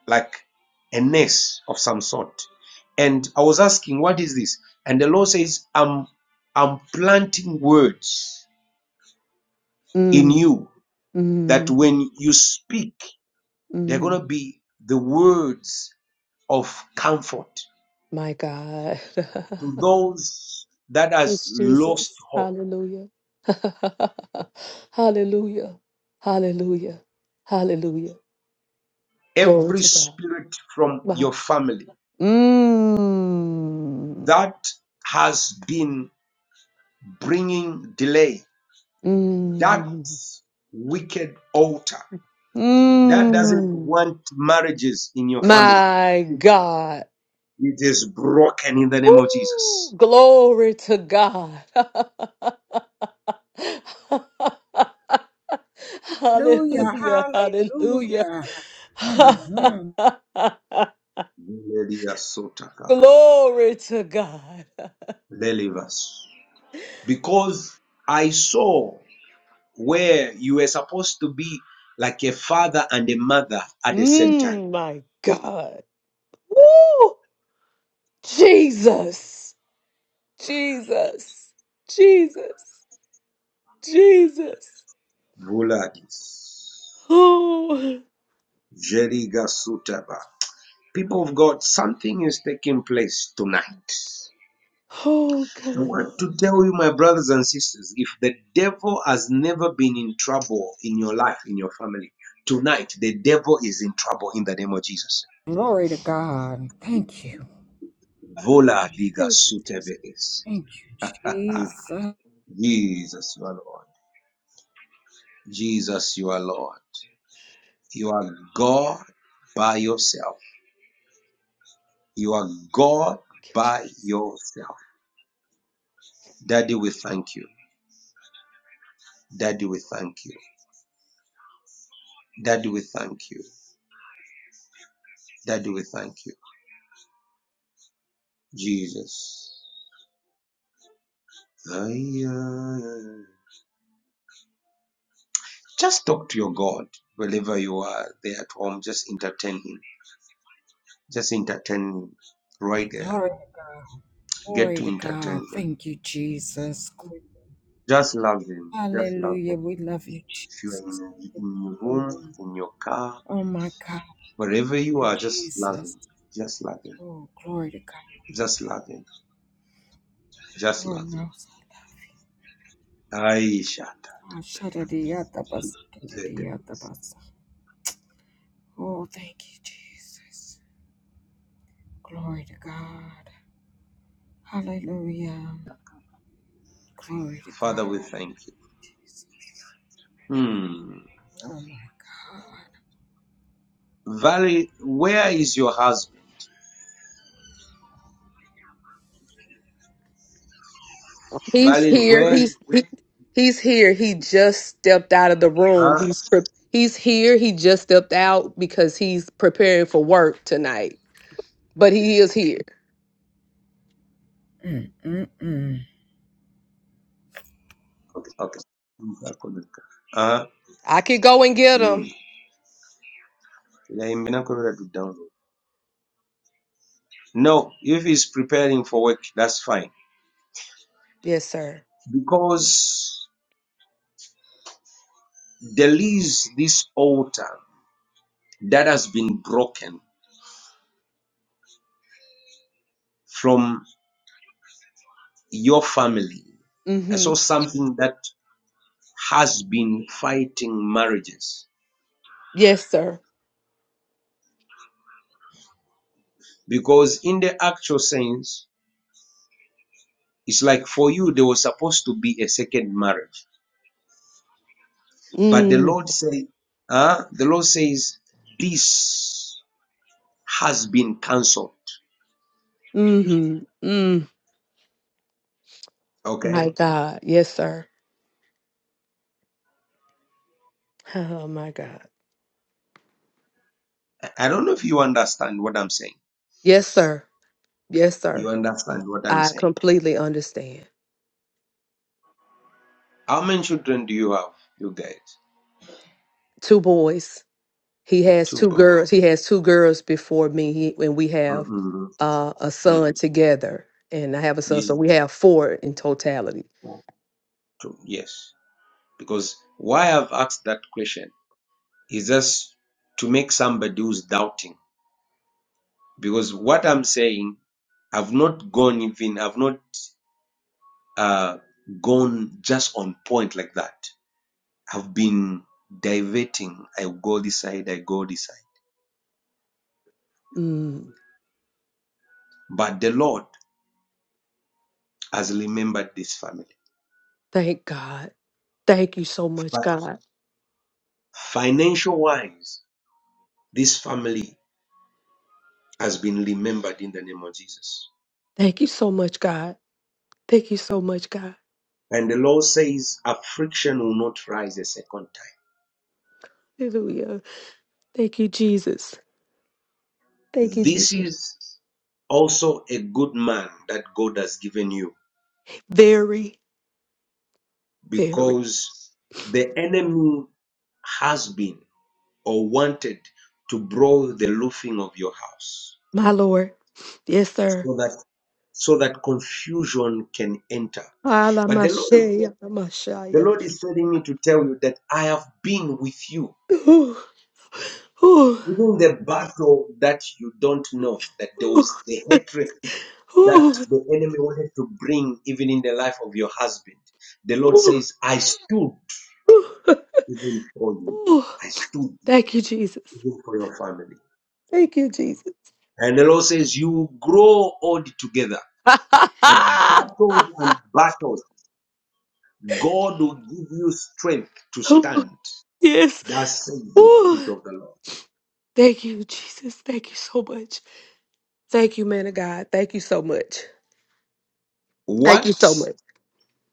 A: Like a nurse of some sort. And I was asking, what is this? And the Lord says, I'm I'm planting words in
E: mm, mm,
A: you that
E: mm.
A: when you speak, they're going to be the words of comfort
E: My God.
A: to those that has
E: it's
A: lost
E: Jesus.
A: hope.
E: Hallelujah. Hallelujah. Hallelujah. Hallelujah. Glory
A: Every
E: to God.
A: spirit from your
E: Yes.
A: family
E: Mm,
A: that has been bringing delay, that
E: mm,
A: wicked altar that doesn't
E: mm.
A: want marriages in your family,
E: My God.
A: it is broken in the name of
E: Woo!
A: Jesus.
E: Glory to God.
B: Hallelujah.
A: Leliva
E: hallelujah, hallelujah.
B: Hallelujah. hmm
A: sota
E: Glory to God.
A: because I saw where you were supposed to be like a father and a mother at the same time.
E: Mm, my God. Woo! Jesus, Jesus, Jesus, Jesus.
A: Vuladis.
E: Oh,
A: Jeriga Sutaba. People of God, something is taking place tonight.
E: oh
A: I
E: God.
A: want to tell you, my brothers and sisters, if the devil has never been in trouble in your life, in your family, tonight the devil is in trouble in the name of Jesus.
B: Glory to God. Thank you.
A: Vola diga
E: Thank you.
A: sutebe is.
B: Thank you, Jesus.
A: Jesus, my Lord. Jesus, you are Lord. You are God by yourself. You are God by yourself. Daddy, we thank you. Daddy, we thank you. Daddy, we thank you. Daddy, we thank you. Jesus. Just talk to your God wherever you are there at home. Just entertain Him. Just entertain Him right there.
B: Glory
A: Get
B: Glory
A: to
B: to God.
A: entertain Him.
B: Thank you, Jesus. Glory.
A: Just love Him. Just love Him.
B: Hallelujah. We love you,
A: If you are
B: Jesus.
A: in, in your room,
B: Lord.
A: in your car,
B: Oh my God,
A: Wherever you
B: you
A: are, just love
B: Jesus.
A: him. Just love him.
B: Oh, glory to God.
A: Just love him. Just
B: Lord
A: love him.
B: knows I
A: Aisha.
B: love you. Ah, shadadiyadabas-
A: Zete.
B: kadadiyadabas. Oh, thank you, Jesus. Glory to God. Hallelujah. Glory to
A: Father, we
B: God,
A: thank you.
B: Jesus.
A: Hmm.
B: Oh my God.
A: Valley, where is your husband?
E: He's
A: Valley,
E: here.
A: where?
E: He's he, he's here. He just stepped out of the room.
A: Huh?
E: He's pre- he's here. He just stepped out because he's preparing for work tonight. But he is here.
B: Mm-mm-mm.
A: Okay. Uh,
E: I could go and get him.
A: mm. Yeah, I'm not gonna download. No, if he's preparing for work, that's fine.
E: Yes, sir.
A: Because there is this altar that has been broken from your family. I
E: Mm-hmm.
A: saw something that has been fighting marriages
E: Yes, sir.
A: because in the actual sense it's like for you there was supposed to be a second marriage but the
E: Mm.
A: lord say uh, the lord says this has been cancelled
E: Mm-hmm. Mm.
A: okay
E: My God. Yes, sir. Oh my God.
A: i don't know if you understand what i'm saying
E: Yes, sir. Yes,
A: you
E: sir.
A: understand what i'm
E: I
A: saying
E: completely understand.
A: how many children do you have you guys
E: Two boys. He has
A: two
E: two
A: boys
E: girls. He has two girls before me, he, and we
A: mm
E: have
A: mm,
E: uh, a son
A: mm.
E: together. And I have a son, so
A: Ye-
E: we have four in totality.
A: yes because why i've asked that question is just to make somebody who's doubting. Because what I'm saying, I've not gone even, I've not uh, gone just on point like that. I've been diverting. I go this side, I go this side.
E: Mm,
A: But the Lord has remembered this family.
E: thank God. Thank you so much,
A: But
E: God.
A: financial wise, this family has been remembered in the name of Jesus.
E: Thank you so much, God. Thank you so much, God.
A: And the Lord says affliction will not rise a second time.
E: Hallelujah. Thank you, Jesus. Thank you,
A: This
E: Jesus.
A: is also a good man that God has given you
E: Very, very.
A: because the enemy has been or wanted to blow the roofing of your house
E: My Lord. Yes, sir.
A: so that so that confusion can enter but the lord is
E: Alamashaya,
A: the
E: Alamashaya.
A: lord is telling me to tell you that i have been with you
E: Ooh, ooh,
A: even the battle that you don't know that there
E: ooh,
A: was the hatred that
E: ooh,
A: the enemy wanted to bring even in the life of your husband the lord
E: ooh,
A: says i stood
E: ooh,
A: even for you.
E: ooh.
A: I stood
E: Thank you, Jesus.
A: even for your family.
E: Thank you, Jesus.
A: And the Lord says, You grow old together. That battles and battles, God will give you strength to
E: Ooh,
A: stand.
E: yes.
A: That says the
E: Ooh,
A: Spirit of the Lord.
E: thank you, Jesus. Thank you so much. Thank you, man of God. Thank you so much. Thank you so
A: What,
E: much.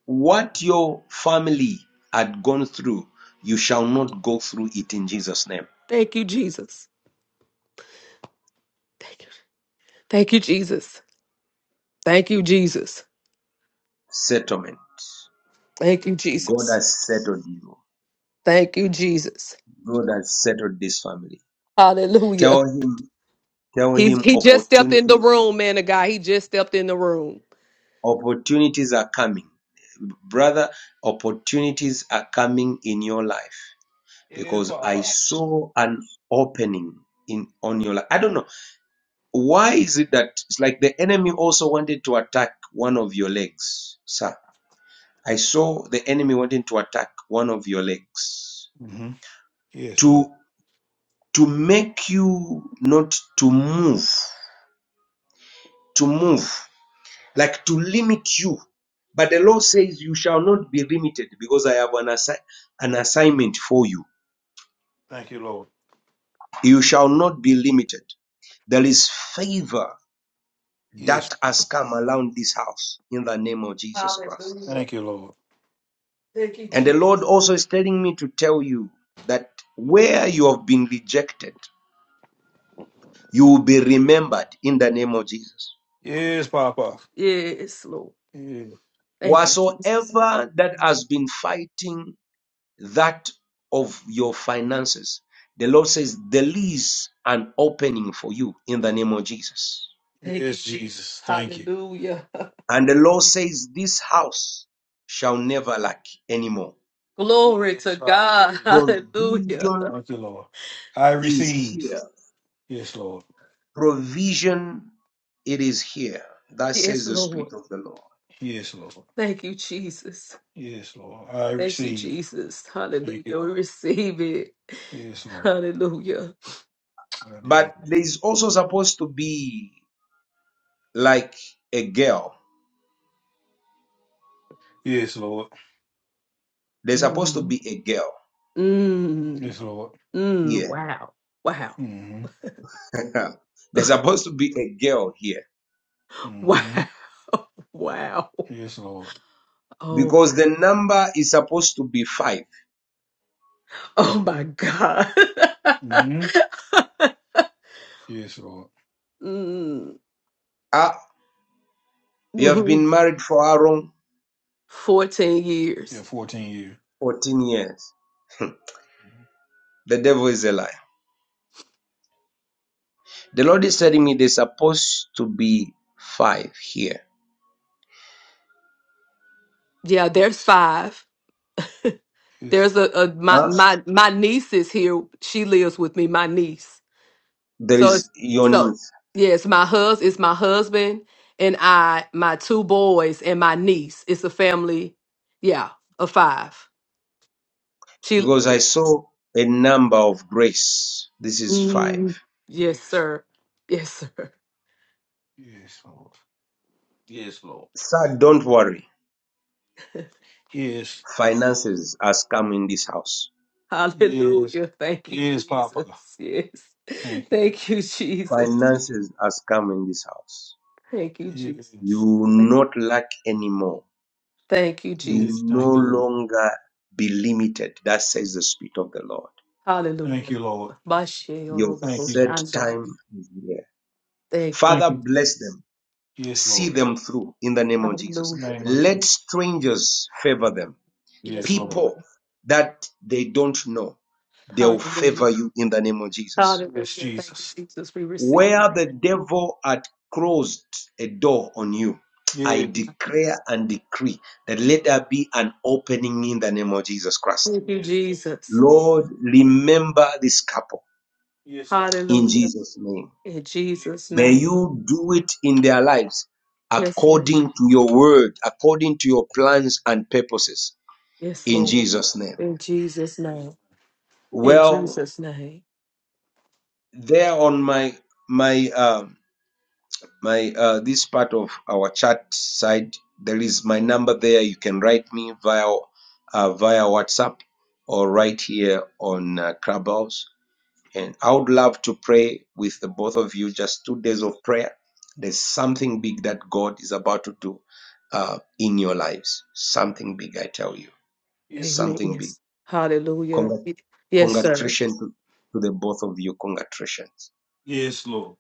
A: what your family had gone through, you shall not go through it in Jesus' name.
E: Thank you, Jesus. Thank you. Thank you, Jesus. Thank you, Jesus.
A: Settlement.
E: Thank you,
A: God
E: Jesus.
A: has settled you.
E: Thank you, Jesus.
A: God has settled this family.
E: Hallelujah.
A: Tell him, tell
E: He's
A: him
E: he just stepped in the
A: opportunities
E: room, man of God. He just stepped in the room.
A: Opportunities are coming. Brother, opportunities are coming in your life
E: Yes,
A: because I
E: Papa.
A: saw an opening in on your life. I don't know. Why is it that it's like the enemy also wanted to attack one of your legs, sir? I saw the enemy wanting to attack one of your legs
E: hmm Yes, Lord.
A: to to make you not to move to move like to limit you. But the Lord says, You shall not be limited because I have an, assi- an assignment for you.
E: Thank you, Lord.
A: You shall not be limited. There is favor
E: Yes.
A: that
E: Lord.
A: has come around this house in the name of Jesus
E: Hallelujah.
A: Christ.
E: Thank you, Lord. Thank you,
A: And the
E: Jesus.
A: Lord also is telling me to tell you that where you have been rejected, you will be remembered in the name of Jesus.
E: Yes, Papa. Yes, Lord. Yes, Thank you, Jesus.
A: Whatsoever that has been fighting that of your finances. The Lord says, There is an opening for you in the name of Jesus.
E: Thank you, yes Jesus. Jesus. Thank you. Hallelujah.
A: And the Lord says, This house shall never lack anymore.
E: Glory Yes, to Yes, God. hallelujah. Hallelujah.
A: Provision
E: Thank you, Lord. I
A: is
E: receive.
A: here.
E: Yes, Lord.
A: Provision, it is here. That
E: Yes,
A: says the
E: Lord.
A: Spirit of the Lord.
E: Yes, Lord. Thank you, Jesus. Yes, Lord. I Thank you, receive. Jesus. Thank you, Hallelujah. We Lord. receive it. Yes, Lord. Hallelujah. Hallelujah.
A: But there is also supposed to be like a girl.
E: Yes, Lord.
A: There's supposed to
E: Mm,
A: be a girl
E: mm, Yes, Lord. mm.
A: here.
E: Wow. Wow. Mm-hmm.
A: There's supposed to be a girl here
E: Mm-hmm. Wow. Wow. Yes, Lord. Oh
A: because
E: my.
A: the number is supposed to be five.
E: Oh my God. Mm-hmm. Yes, Lord. mm,
A: Ah, you have
E: mhm.
A: been married for how long?
E: 14 Yeah, years. 14 years.
A: 14 years. The devil is a liar. The Lord is telling me there's supposed to be five here.
E: Yeah, there's five. There's a, a my
A: Huh?
E: my my niece is here. She lives with me. My niece.
A: There
E: So
A: is
E: it's
A: your
E: so
A: need
E: yes, my hus it's my husband and I, my two boys and my niece. It's a family. Yeah, of five. She.
A: because I saw a number of grace. This is five.
E: Mm, yes, sir. Yes, sir. Yes, Lord. Yes, Lord.
A: Sir, don't worry.
E: Yes. Yes.
A: Finances has come in this house.
E: Hallelujah. Thank you, Yes, Papa. Jesus. Yes. Thank Thank you, Jesus.
A: Finances has come in this house.
E: Thank you, you. Jesus.
A: You
E: Yes.
A: will
E: Thank
A: not lack anymore
E: you,
A: You
E: Jesus.
A: will
E: Yes. Thank you,
A: no
E: Lord.
A: longer be limited. That says the Spirit of the Lord.
E: Hallelujah. Thank Hallelujah. you, Lord. Bashe Thank
A: Your
E: you, Jesus.
A: third
E: Shanda.
A: time is here.
E: Thank you. Thank
A: Father,
E: you.
A: bless them.
E: Yes,
A: See
E: Lord. In
A: them through in the name
E: the
A: of Jesus.
E: Hallelujah. Name of
A: Let
E: Jesus.
A: strangers favor them.
E: Yes, Yes, Lord. Lord.
A: People that they don't know,
E: Yes,
A: they'll
E: Hallelujah.
A: favor you in the name of Jesus.
E: Hallelujah. Yes, Hallelujah. Thank you, Jesus. Jesus. We receive.
A: Where the devil had closed a door on you, I
E: Yes.
A: declare and decree that let there be an opening in the name of Jesus Christ
E: Thank you, Yes, Jesus.
A: Lord, remember this couple
E: Yes, Lord.
A: in
E: Hallelujah.
A: Jesus' name.
E: In Jesus' Yes.
A: May
E: name.
A: you do it in their lives
E: Yes, Lord.
A: according to your word, according to your plans and purposes
E: Yes,
A: in
E: Lord.
A: Jesus' name.
E: In Jesus' name. In
A: Well,
E: Jesus' name.
A: there on my my um my uh this part of our chat side, there is my number there. You can write me via uh, via WhatsApp or right here on uh, Clubhouse And I would love to pray with the both of you just two days of prayer. There's something big that God is about to do uh, in your lives. Something big, I tell you.
E: Yes, Amen. Lord.
A: Something big.
E: Yes. Hallelujah.
A: Congrat-
E: Yes, sir.
A: Congratulations to, to the both of you. Congratulations.
E: Yes, Lord.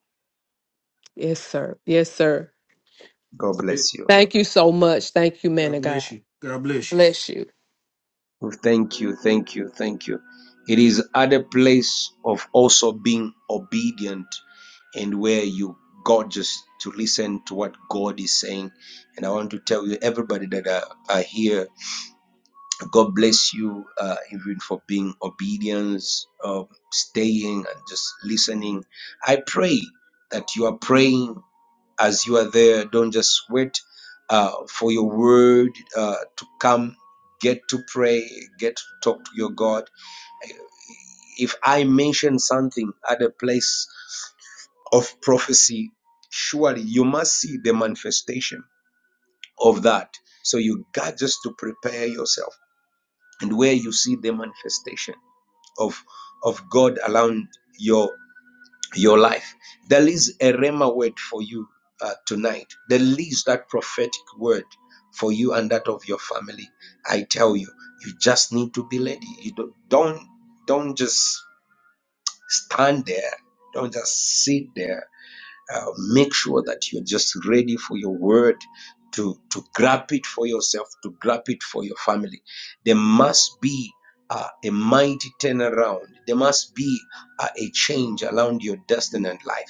E: Yes, sir. Yes, sir.
A: God bless you.
E: Thank you so much. Thank you, man God of God. bless you. God bless you. Bless you.
A: Oh, Thank you. Thank you. Thank you. It is at a place of also being obedient and where you God just to listen to what God is saying. And I want to tell you, everybody that are, are here God bless you, uh, even for being obedience, um, staying and just listening. I pray that you are praying as you are there. Don't just wait uh, for your word uh, to come. Get to pray, get to talk to your God. If I mention something at a place of prophecy, surely you must see the manifestation of that. So you got just to prepare yourself and where you see the manifestation. of of God around your your life. There is a rhema word for you uh, tonight. There is that prophetic word for you and that of your family. I tell you, you just need to be ready. You don't don't, don't just stand there. Don't just sit there uh, make sure that you're just ready for your word to, to grab it for yourself, to grab it for your family. There must be uh, a mighty turnaround. There must be uh, a change around your destiny and life.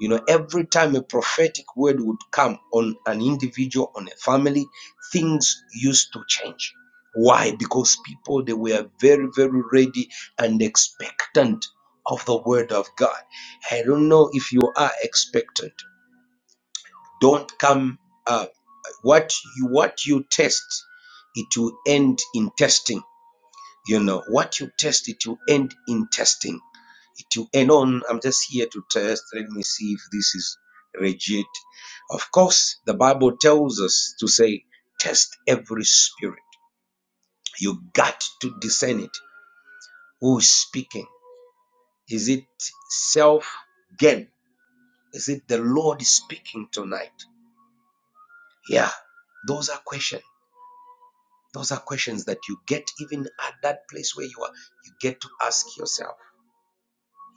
A: You know, every time a prophetic word would come on an individual, on a family, things used to change. Why? Because people they were very, very ready and expectant of the word of God. I don't know if you are expected. Don't come. Uh, what you what you test, it will end in testing. You know what you test, it will end in testing. It will end on. I'm just here to test. Let me see if this is legit. Of course, the Bible tells us to say, test every spirit. You got to discern it. Who is speaking? Is it self gain? Is it the Lord speaking tonight? Yeah, those are questions. Those are questions that you get even at that place where you are. You get to ask yourself.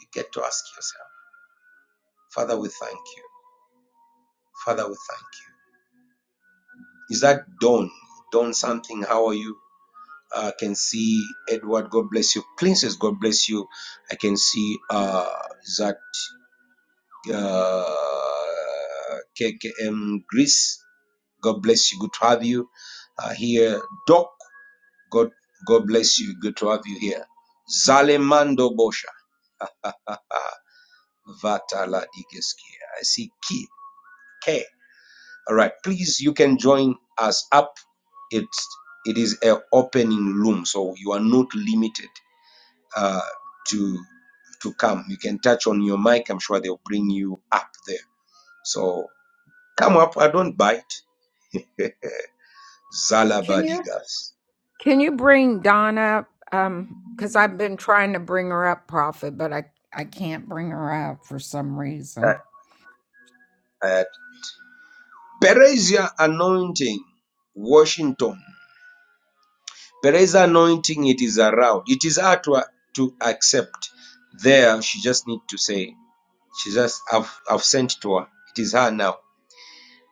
A: You get to ask yourself. Father, we thank you. Father, we thank you. Is that Dawn? Dawn something? How are you? I uh, can see Edward. God bless you. Princess, God bless you. I can see uh, is that uh, KKM Greece. God bless you. Good to have you uh, here. Doc, God, God bless you. Good to have you here. Zalemando Bosha. Vatala Digeskia. I see key. K. All right. Please, you can join us up. It's it is an opening room, so you are not limited uh, to to come. You can touch on your mic. I'm sure they'll bring you up there. So come up. I don't bite.
B: Can you
A: Zalabadigas.
B: Can you bring Dawn up? Um, because I've been trying to bring her up, Prophet, but I I can't bring her up for some
A: Uh,
B: reason.
A: uh, Perezia anointing. Washington. There is anointing, it is around. It is hard to, to accept. There, she just need to say, she just, I've, I've sent to her. It is her now.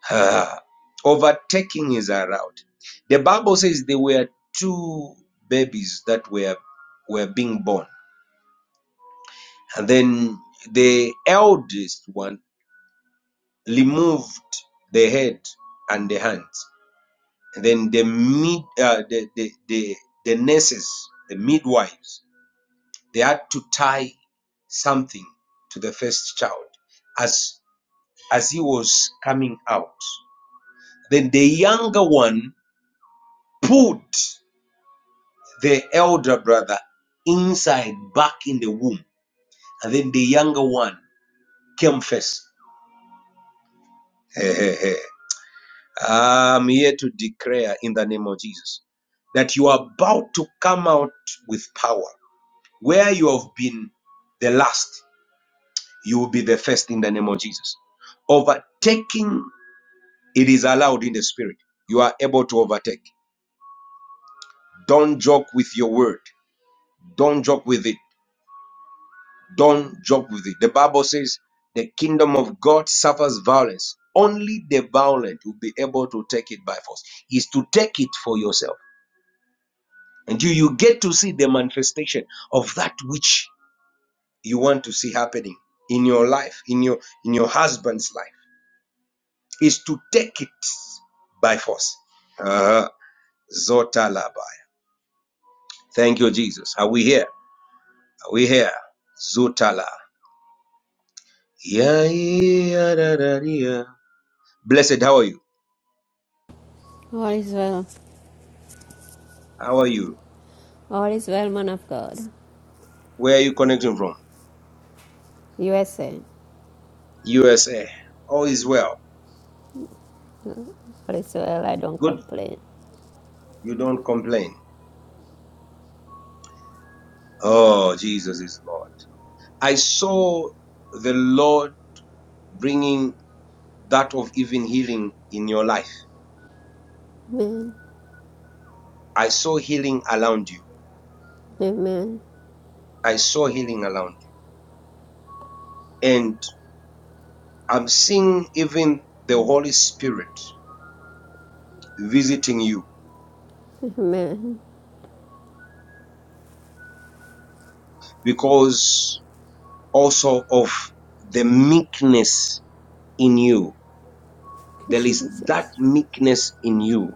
A: Her Overtaking is around. The Bible says there were two babies that were, were being born. And then the eldest one removed the head and the hands. And then the mid, uh, the, the, the, the nurses, the midwives, They had to tie something to the first child as as he was coming out. Then the younger one put the elder brother inside back in the womb, and then the younger one came first. Hey, hey, hey. I'm here to declare in the name of Jesus that you are about to come out with power. Where you have been the last, you will be the first in the name of Jesus. Overtaking It is allowed in the spirit. You are able to overtake. Don't joke with your word. Don't joke with it. Don't joke with it. The Bible says the kingdom of God suffers violence. Only the violent will be able to take it by force. Is to take it for yourself. And you, you get to see the manifestation of that which you want to see happening in your life, in your in your husband's life. Is to take it by force. Uh, Zotalabai. Thank you, Jesus. Are we here? We here. Zutala. Yeah, yeah, da, da, yeah. Blessed, how are you?
F: All is well.
A: How are you?
F: All is well, man of God.
A: Where are you connecting from?
F: USA.
A: USA. All is well.
F: All is well. I don't
A: Good.
F: complain.
A: You don't complain. Oh, Jesus is Lord. I saw the Lord bringing that of even healing in your life. I saw healing around you.
F: Amen.
A: I saw healing around you. And I'm seeing even the Holy Spirit visiting you
F: Amen.
A: because also of the meekness in you.
F: Good
A: There is that
F: Jesus.
A: meekness in you.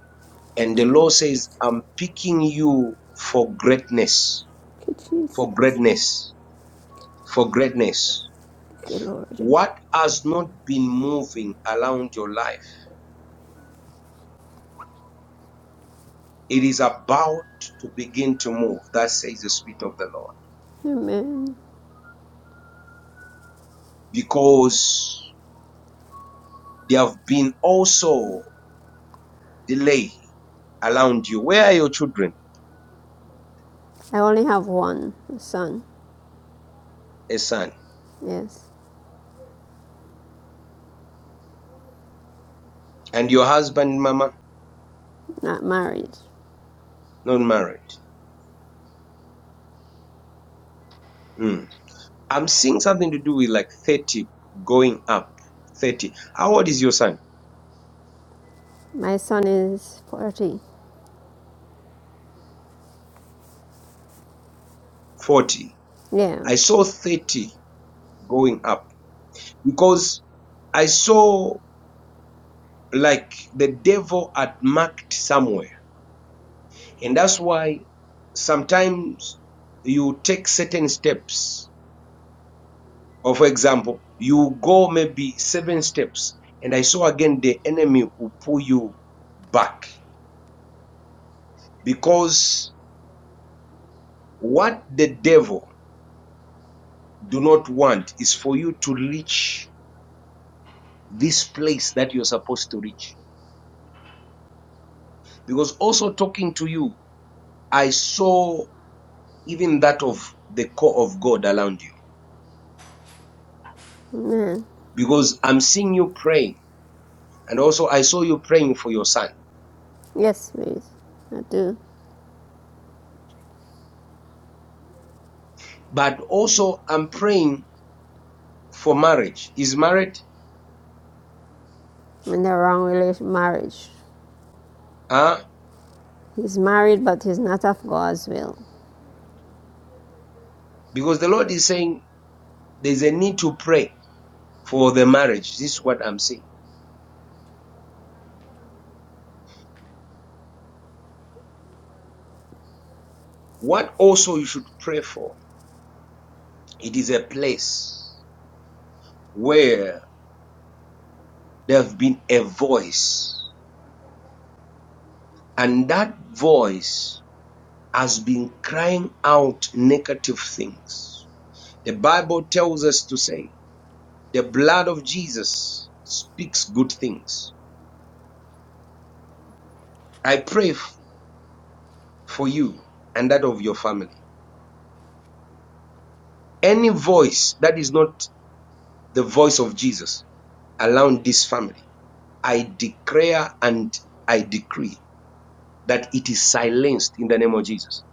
F: Good
A: And the Lord
F: Jesus.
A: says, I'm picking you for greatness,
F: Good
A: for
F: Jesus.
A: greatness, for greatness.
F: Good Lord.
A: What has not been moving around your life, it is about to begin to move. That says the Spirit of the Lord.
F: Amen.
A: Because there have been also delay around you. Where are your children,
F: I only have one son.
A: a son?
F: Yes.
A: And your husband, mama,
F: Not married.
A: not married. Mm. I'm seeing something to do with like 30 going up. 30. How old is your son?
F: My son is 40.
A: 40.
F: Yeah.
A: I saw 30 going up because I saw like the devil had marked somewhere. And that's why sometimes you take certain steps. Or for example, you go maybe seven steps. And I saw again the enemy will pull you back because what the devil do not want is for you to reach this place that you're supposed to reach. Because also talking to you, I saw even that of the core of God around you.
F: Amen.
A: Because I'm seeing you praying, and also I saw you praying for your son.
F: Yes, please. I do.
A: But also I'm praying for marriage. Is married?
F: In the wrong relation, marriage.
A: Huh?
F: He's married, but he's not of God's will.
A: Because the Lord is saying there's a need to pray for the marriage. This is what I'm saying. What also you should pray for. It is a place where there have been a voice, and that voice has been crying out negative things. The Bible tells us to say, the blood of Jesus speaks good things. I pray f- for you and that of your family. Any voice that is not the voice of Jesus around this family, I declare and I decree that it is silenced in the name of Jesus.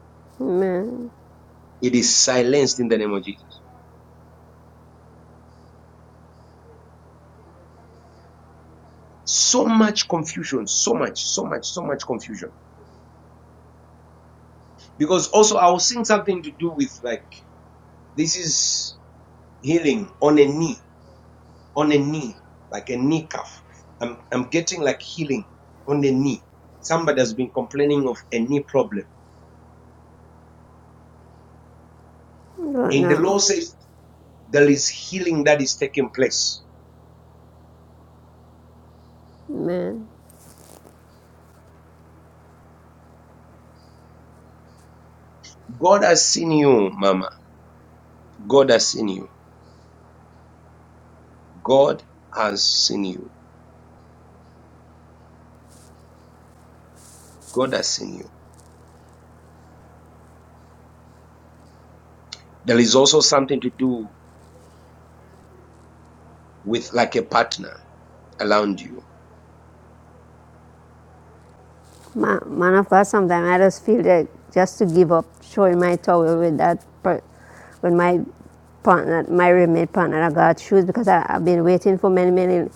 F: Amen.
A: It is silenced in the name of Jesus So much confusion, so much, so much, so much confusion. Because also I was seeing something to do with like this is healing on a knee, on a knee, like a knee cuff. I'm I'm getting like healing on the knee. Somebody has been complaining of a knee problem.
F: I don't
A: And the
F: know.
A: law says there is healing that is taking place.
F: Amen.
A: God has seen you, Mama. God has seen you. God has seen you. God has seen you. There is also something to do with like a partner. around you.
F: Ma- Man of God, sometimes I just feel like just to give up showing my towel with that, per- with my partner, my roommate partner, I got shoes because I, I've been waiting for many, many,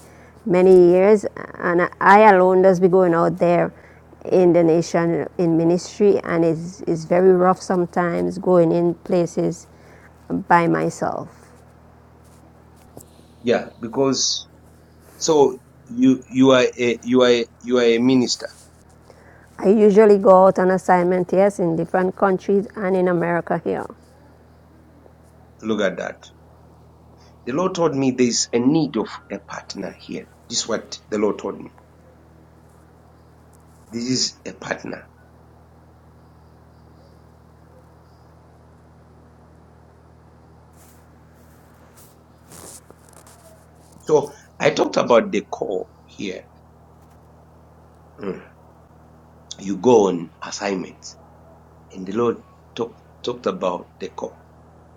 F: many years. And I, I alone just be going out there in the nation in ministry, and it's, it's very rough sometimes going in places by myself.
A: Yeah, because so you you are a you are a, you are a minister.
F: I usually go out on assignment, yes, in different countries and in America here.
A: Look at that. The Lord told me there is a need of a partner here. This is what the Lord told me. This is a partner. So I talked about the call here. Mm. You go on assignments, and the Lord talk, talked about the call.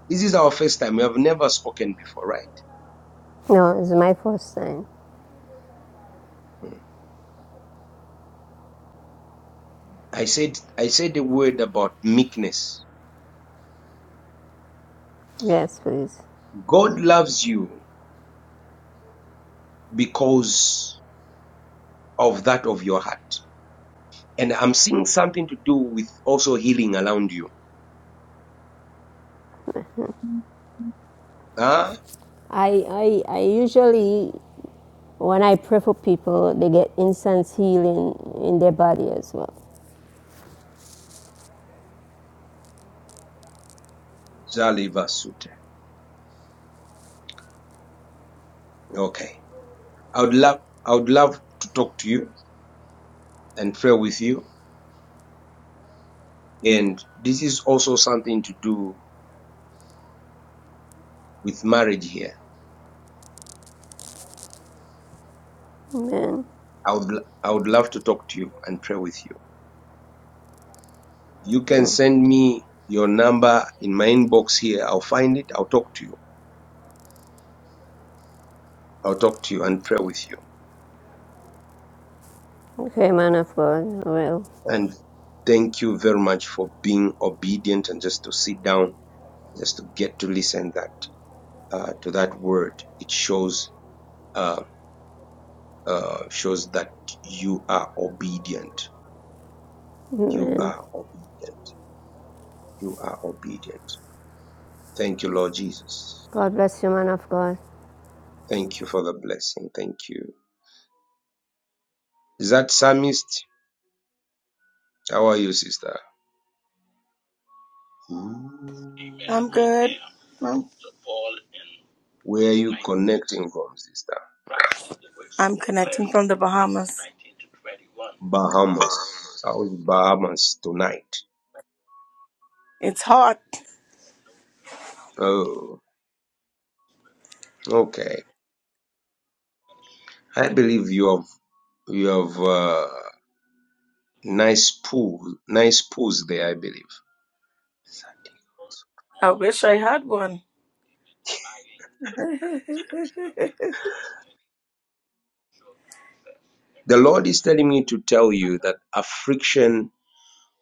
A: This is our first time. We have never spoken before, right?
F: No, it's my first time.
A: Mm. I said I said the word about meekness.
F: Yes, please.
A: God loves you because of that of your heart. And I'm seeing something to do with also healing around you. Ah,
F: I, I, I usually, when I pray for people, they get instant healing in their body as well.
A: Zaliva Sute. Okay. I would love I would love to talk to you and pray with you. And this is also something to do with marriage here.
F: Amen.
A: I would I would love to talk to you and pray with you. You can send me your number in my inbox here. I'll find it. I'll talk to you. I'll talk to you and pray with you.
F: Okay, man of God. Well,
A: And thank you very much for being obedient and just to sit down just to get to listen that uh, to that word it shows uh, uh, shows that you are obedient you
F: amen.
A: are obedient you are obedient thank you lord jesus
F: God bless you, man of God.
A: thank you for the blessing thank you is that psalmist how are you sister Mm.
G: I'm good. I'm,
A: where are you connecting from sister
G: I'm connecting from the Bahamas.
A: bahamas how's bahamas tonight
G: It's hot.
A: oh okay i believe you have you have uh, Nice pause, nice pause there, I believe.
G: I wish I had one.
A: The Lord is telling me to tell you that affliction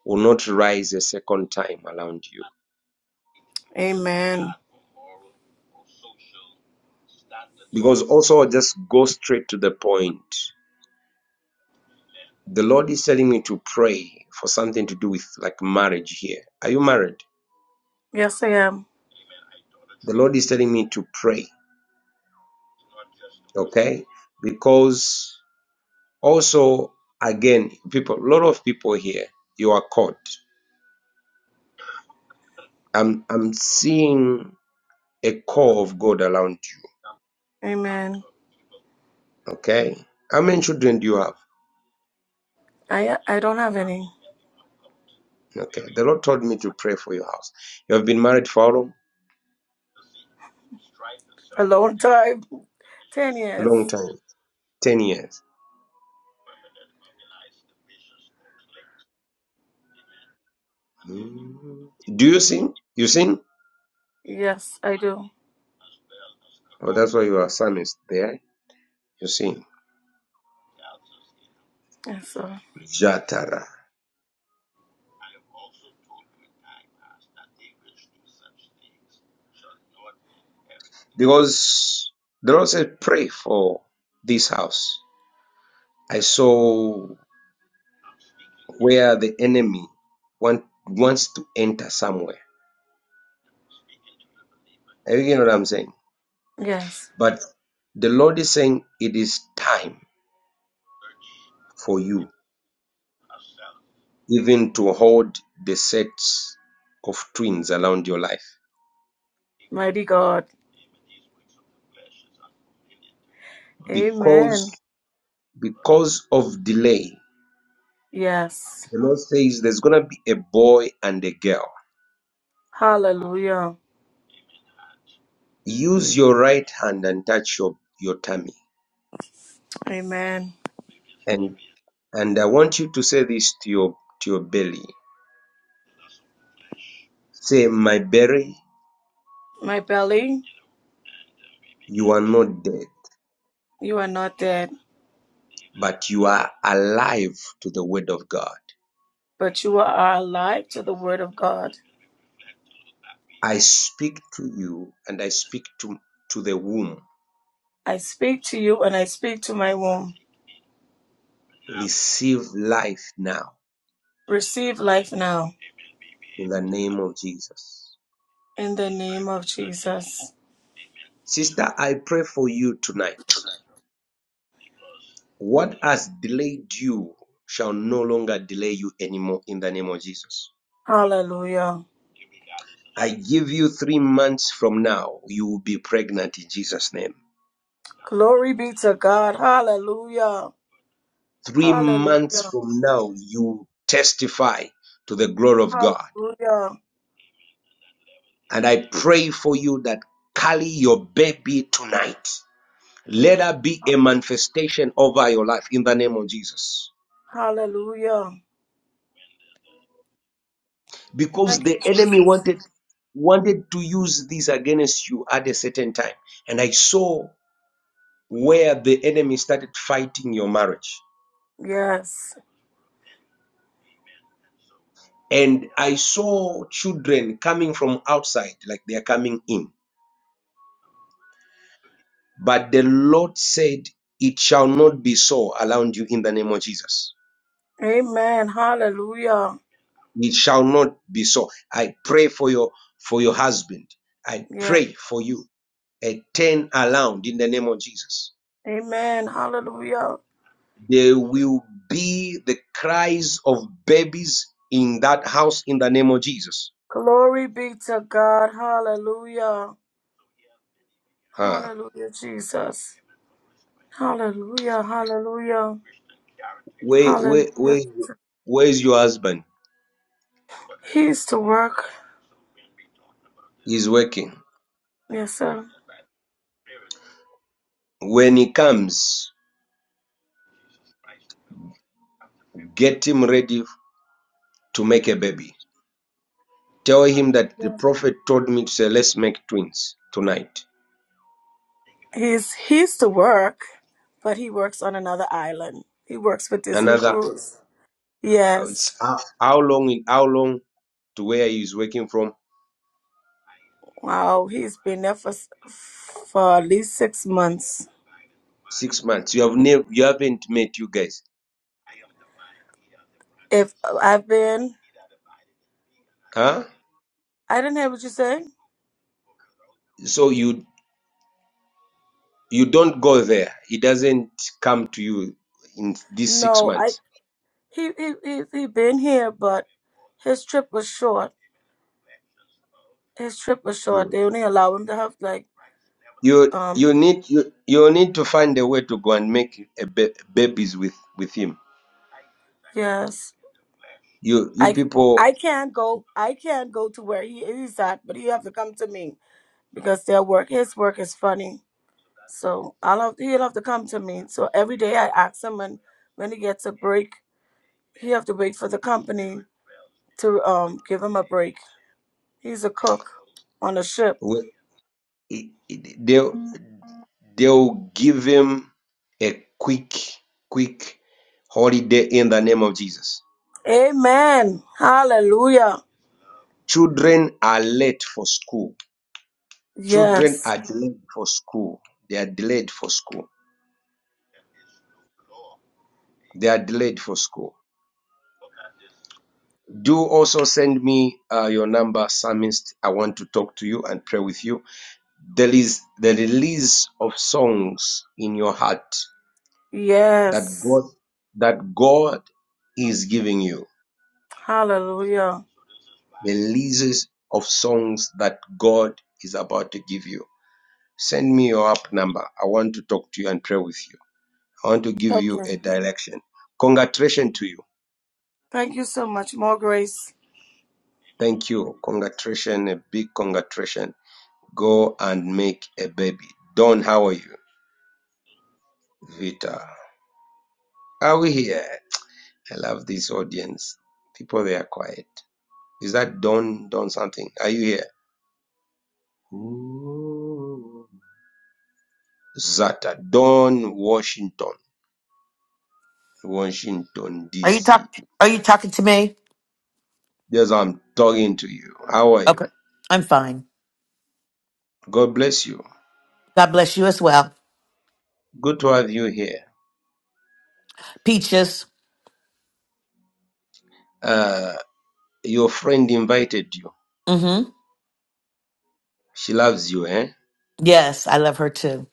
A: will not rise a second time around you.
G: Amen.
A: Because also, I'll just go straight to the point. The Lord is telling me to pray for something to do with like marriage here. Are you married?
G: Yes, I am.
A: The Lord is telling me to pray, okay? Because also, again, people, a lot of people here, you are caught. I'm, I'm seeing a core of God around you.
G: Amen.
A: Okay. How many children do you have?
G: I I don't have any.
A: Okay. The Lord told me to pray for your house. You have been married for
G: A long time. Ten
A: a long
G: years.
A: time 10 years. Mm. Do you sin? You sin?
G: Yes, I do.
A: Oh, that's why your son is there. You sin.
G: Yes, sir.
A: Jatara. Because the Lord said, pray for this house. I saw where the enemy want, wants to enter somewhere. You know what I'm saying?
G: Yes.
A: But the Lord is saying it is time for you, even to hold the sets of twins around your life.
G: Mighty God. Amen.
A: Because because of delay,
G: Yes.
A: the Lord says there's gonna be a boy and a girl.
G: Hallelujah.
A: Use your right hand and touch your, your tummy.
G: Amen.
A: And and I want you to say this to your to your belly. Say, My belly,
G: My belly,
A: you are not dead,
G: you are not dead,
A: but you are alive to the word of God.
G: but you are alive to the word of God.
A: I speak to you and I speak to, to the womb
G: I speak to you and I speak to my womb.
A: receive life now
G: Receive life now
A: in the name of Jesus.
G: in the name of Jesus.
A: Sister, I pray for you tonight. What has delayed you shall no longer delay you anymore in the name of Jesus.
G: Hallelujah.
A: I give you three months from now, you will be pregnant in Jesus' name.
G: Glory be to God. Hallelujah.
A: Three months
G: Hallelujah.
A: from now, you testify to the glory of God.
G: Hallelujah.
A: And I pray for you that carry your baby tonight. Let there be a manifestation over your life in the name of Jesus.
G: Hallelujah.
A: because
G: Thank
A: the
G: you,
A: enemy
G: Jesus.
A: wanted wanted to use this against you at a certain time and i saw where the enemy started fighting your marriage
G: Yes.
A: and i saw children coming from outside like they are coming in but the lord said it shall not be so around you in the name of jesus
G: Amen. Hallelujah.
A: it shall not be so i pray for your for your husband i
G: Yes.
A: pray for you a turn around in the name of jesus
G: Amen. Hallelujah.
A: There will be the cries of babies in that house in the name of Jesus.
G: Glory be to God. Hallelujah.
A: Huh.
G: Hallelujah, Jesus. Hallelujah. Hallelujah.
A: Where, where,
G: Hallelujah,
A: where, where is your husband?
G: He used to work.
A: He's working.
G: Yes, sir.
A: When he comes, get him ready to make a baby. Tell him that the
G: Yes.
A: prophet told me to say, let's make twins tonight.
G: He's he used to work, but he works on another island. He works for Disney
A: Another,
G: Cruise.
A: uh, it's
G: Yes.
A: how, how long? how long to where he is working from?
G: Wow. He's been there for s- for at least six months.
A: Six months. You have never, you haven't met you guys,
G: If I've been,
A: huh?
G: I didn't hear what you said.
A: So you You don't go there. It doesn't come to you in these six
G: No, I
A: months.
G: he he he he been here, but his trip was short. His trip was short.
A: Mm.
G: They only allow him to have like
A: You
G: um
A: you need you, you need to find a way to go and make a ba- babies with with him.
G: yes.
A: You you
G: I
A: people
G: I can't go I can't go to where he is at, but he have to come to me because their work his work is funny. So I'll have, he'll have to come to me. So every day I ask him and when he gets a break, he have to wait for the company to um give him a break. He's a cook on a ship.
A: will- i- i- they'll they'll give him a quick quick holiday in the name of Jesus.
G: Amen. Hallelujah.
A: Children are late for school. Children
G: Yes.
A: are delayed for school. They are delayed for school. They are delayed for school. Do also send me uh, your number, Psalmist. I want to talk to you and pray with you. There is the release of songs in your heart that
G: Yes.
A: God that God is giving you.
G: Hallelujah.
A: The releases of songs that God is about to give you. Send me your app number. I want to talk to you and pray with you. I want to give you
G: Okay.
A: a direction. Congratulations to you.
G: Thank you so much. More grace.
A: Thank you. Congratulations, a big congratulations. Go and make a baby. Don, how are you? Vita. Are we here? I love this audience. People, they are quiet. Is that Don? Don something? Are you here? Ooh. Zata. Don Washington. Washington,
H: Are you
A: D.C.
H: talk are you talking to me?
A: Yes, I'm talking to you. How are you?
H: Okay. I'm fine.
A: God bless you.
H: God bless you as well.
A: Good to have you here.
H: Peaches.
A: Uh, your friend invited you.
H: Mm-hmm.
A: She loves you, eh?
H: Yes, I love her too.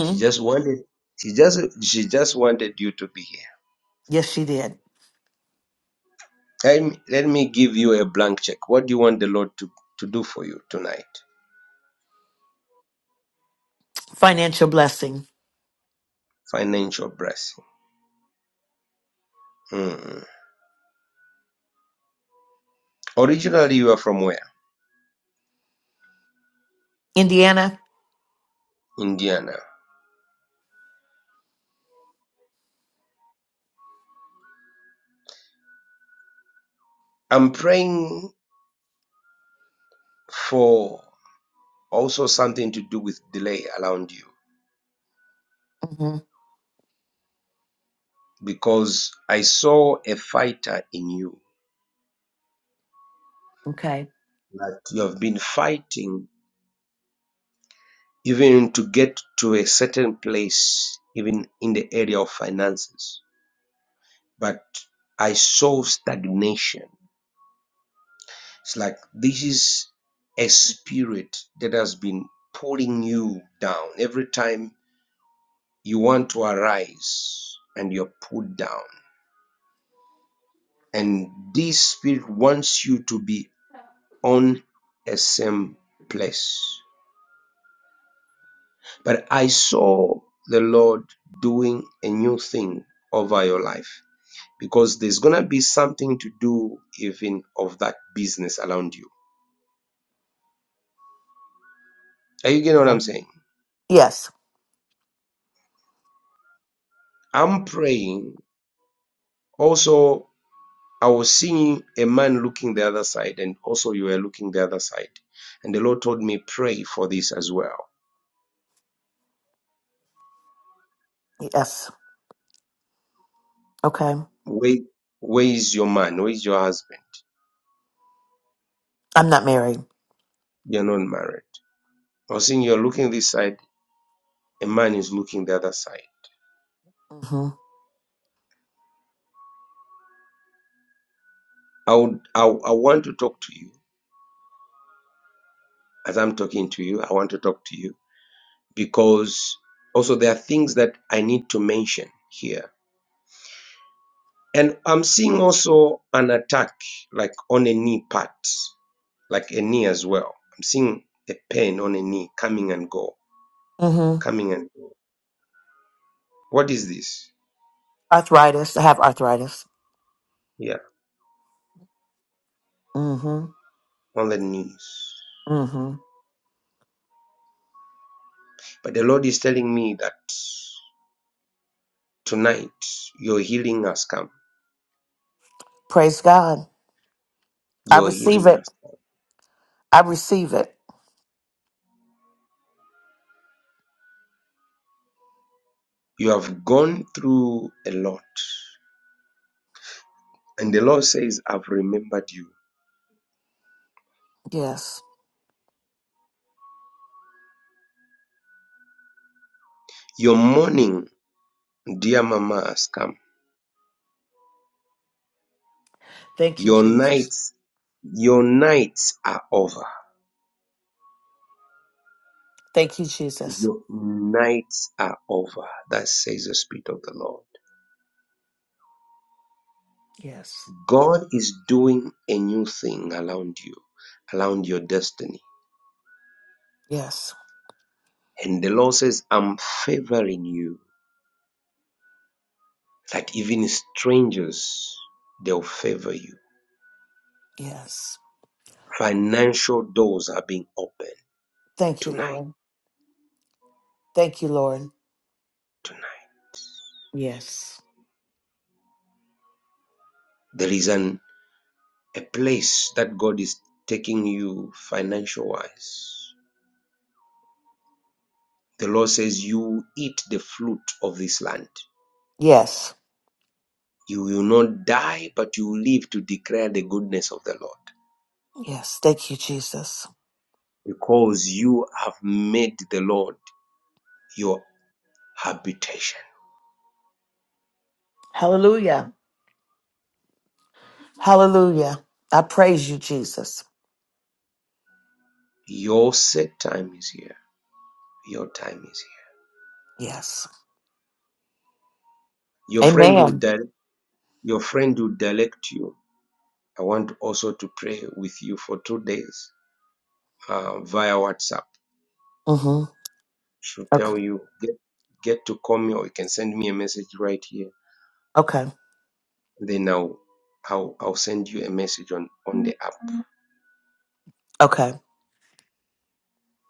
A: She just wanted. She just she just wanted you to be here.
H: Yes, she did.
A: Let me, let me give you a blank check. What do you want the Lord to, to do for you tonight?
H: Financial blessing.
A: Financial blessing. Mm. Originally, you are from where?
H: Indiana?
A: Indiana. I'm praying for also something to do with delay around you
H: Mm-hmm.
A: because I saw a fighter in you
H: Okay.
A: that you have been fighting even to get to a certain place, even in the area of finances. But I saw stagnation It's like this is a spirit that has been pulling you down. Every time you want to arise and you're pulled down. And this spirit wants you to be on a same place. But I saw the Lord doing a new thing over your life because there's gonna be something to do even of that business around you. Are you getting what I'm saying?
H: Yes.
A: I'm praying also I was seeing a man looking the other side, and also you were looking the other side. And the Lord told me, pray for this as well.
H: Yes. Okay.
A: Where, where is your man? Where is your husband?
H: I'm not married.
A: You're not married. I was seeing you're looking this side, a man is looking the other side.
H: Mm-hmm.
A: I would, I, I want to talk to you as I'm talking to you. I want to talk to you because also there are things that I need to mention here. And I'm seeing also an attack, like on a knee part. like a knee as well. I'm seeing a pain on a knee coming and go,
H: Mm-hmm.
A: coming and go. What is this?
H: Arthritis. I have arthritis.
A: Yeah,
H: Mm-hmm.
A: on the knees.
H: Mm-hmm.
A: But the Lord is telling me that tonight your healing has come.
H: Praise God. I
A: Your
H: receive
A: healing
H: it.
A: has come.
H: I receive it.
A: You have gone through a lot. And the Lord says, I've remembered you.
H: Yes.
A: Your morning, dear mama, has come.
H: Thank you,
A: Your
H: Jesus.
A: nights, your nights are over.
H: Thank you, Jesus.
A: Your nights are over. That says the Spirit of the Lord.
H: Yes.
A: God is doing a new thing around you, around your destiny.
H: Yes.
A: And the Lord says, I'm favoring you, that even strangers, they'll favor you.
H: Yes.
A: Financial doors are being opened
H: Thank you,
A: tonight.
H: Lord. Thank you, Lord.
A: Tonight.
H: Yes.
A: There is an a place that God is taking you financial wise. The Lord says, You eat the fruit of this land.
H: Yes.
A: You will not die, but you will live to declare the goodness of the Lord.
H: Yes. Thank you, Jesus.
A: because you have made the Lord your habitation.
H: Hallelujah. Hallelujah. I praise you, Jesus.
A: Your set time is here. Your time is here.
H: Yes.
A: Your friend will
H: Amen.
A: direct, your friend will direct you. I want also to pray with you for two days uh, via WhatsApp.
H: Mm-hmm.
A: She'll
H: Okay.
A: tell you get get to call me or you can send me a message right here.
H: Okay.
A: Then I'll I'll, I'll send you a message on, on the app.
H: Okay.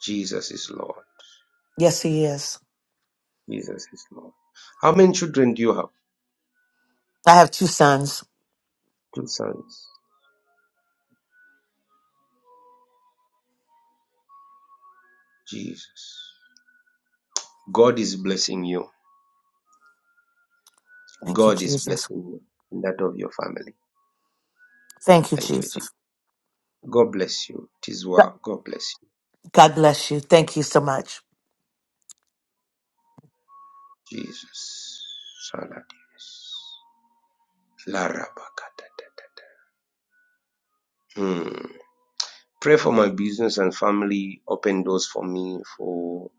A: Jesus is Lord.
H: Yes, he is.
A: Jesus is Lord. How many children do you have?
H: I have two sons.
A: Two sons. Jesus. God is blessing you.
H: Thank you,
A: God is
H: Jesus.
A: blessing you and that of your family.
H: Thank you,
A: Thank you, Jesus.
H: Jesus.
A: God bless you. It is well. God bless you.
H: God bless you. Thank you so much.
A: Jesus. Saladius. Larabakatatatata. Hmm. Pray for my business and family. Open doors for me, for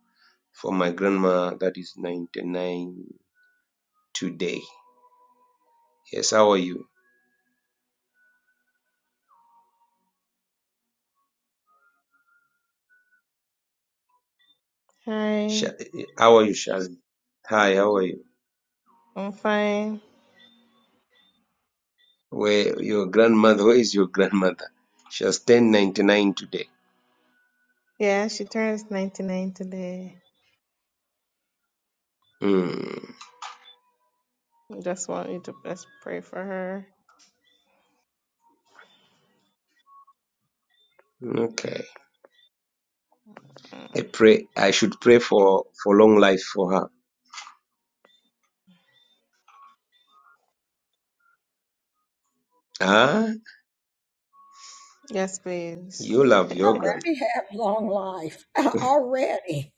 A: for my grandma that is 99 today. Yes, how are you?
I: Hi,
A: Sha- How are you, Shazi? Hi, how are you?
I: I'm fine.
A: Where your grandmother? Where is your grandmother? She has 1099 today.
I: Yeah, she turns 99 today.
A: Hmm.
I: Just want you to just pray for her.
A: okay. I
I: Mm.
A: pray I should pray for for long life for her. Ah,
I: Yes, please.
A: you love your grand
B: already have long life already,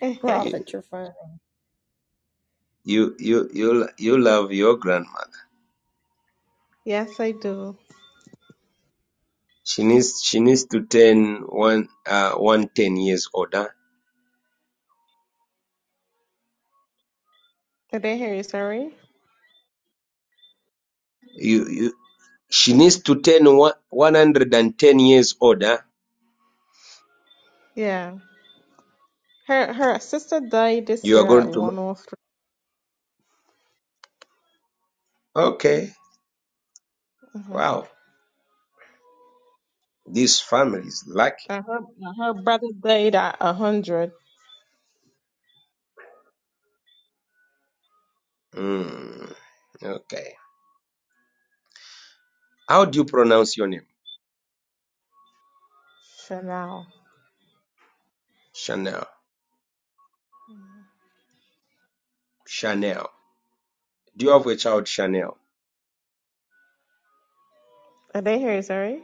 A: you
B: Prophet
A: you you you, you love your grandmother.
I: yes, I do.
A: She needs she needs to turn one uh one ten years older.
I: Did I hear you? Sorry.
A: You you she needs to turn one one hundred and ten years older.
I: Yeah. Her her sister died this
A: You are
I: year at
A: going to ma-
I: 103.
A: okay.
I: Mm-hmm.
A: Wow, this family is lucky.
I: And her, and her brother died at 100.
A: Mm, okay. How do you pronounce your name?
I: For now.
A: Chanel. Chanel. Do you have a child, Chanel?
I: Did I hear you? Sorry.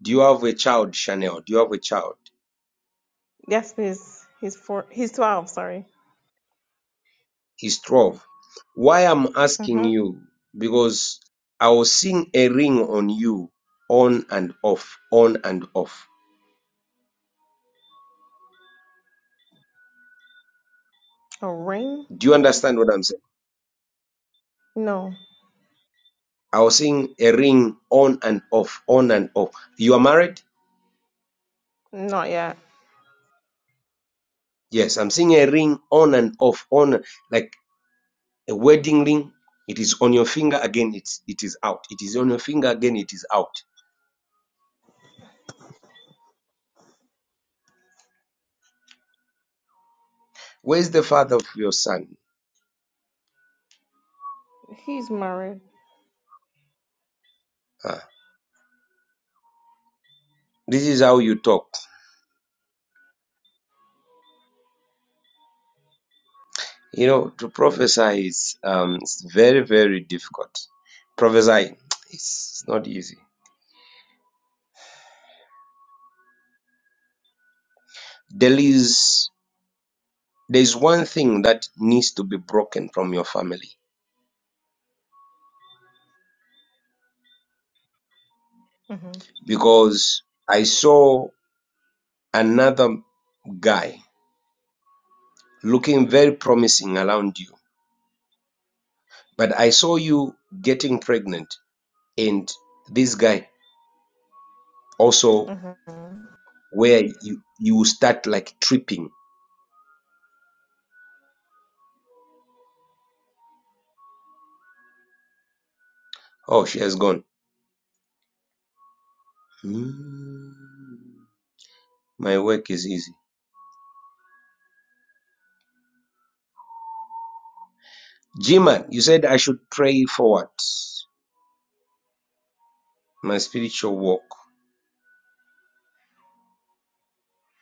A: Do you have a child, Chanel? Do you have a child?
I: Yes, please. He's four. He's 12. Sorry.
A: It's 12. Why I'm asking
I: Mm-hmm.
A: you, because I was seeing a ring on you on and off, on and off.
I: A ring?
A: Do you understand what I'm saying?
I: No,
A: I was seeing a ring on and off, on and off. You are married?
I: not yet.
A: Yes, I'm seeing a ring on and off, on like a wedding ring. It is on your finger again, it's it is out. It is on your finger again, it is out. Where's the father of your son?
I: He's married.
A: Ah, this is how you talk. You know, to prophesy is um, it's very, very difficult. Prophesy it's not easy. There is there is one thing that needs to be broken from your family
I: Mm-hmm.
A: because I saw another guy looking very promising around you, but I saw you getting pregnant, and this guy also
I: Uh-huh.
A: where you you start like tripping. Oh, she has gone. Hmm, My work is easy Jima, you said I should pray for what? My spiritual walk.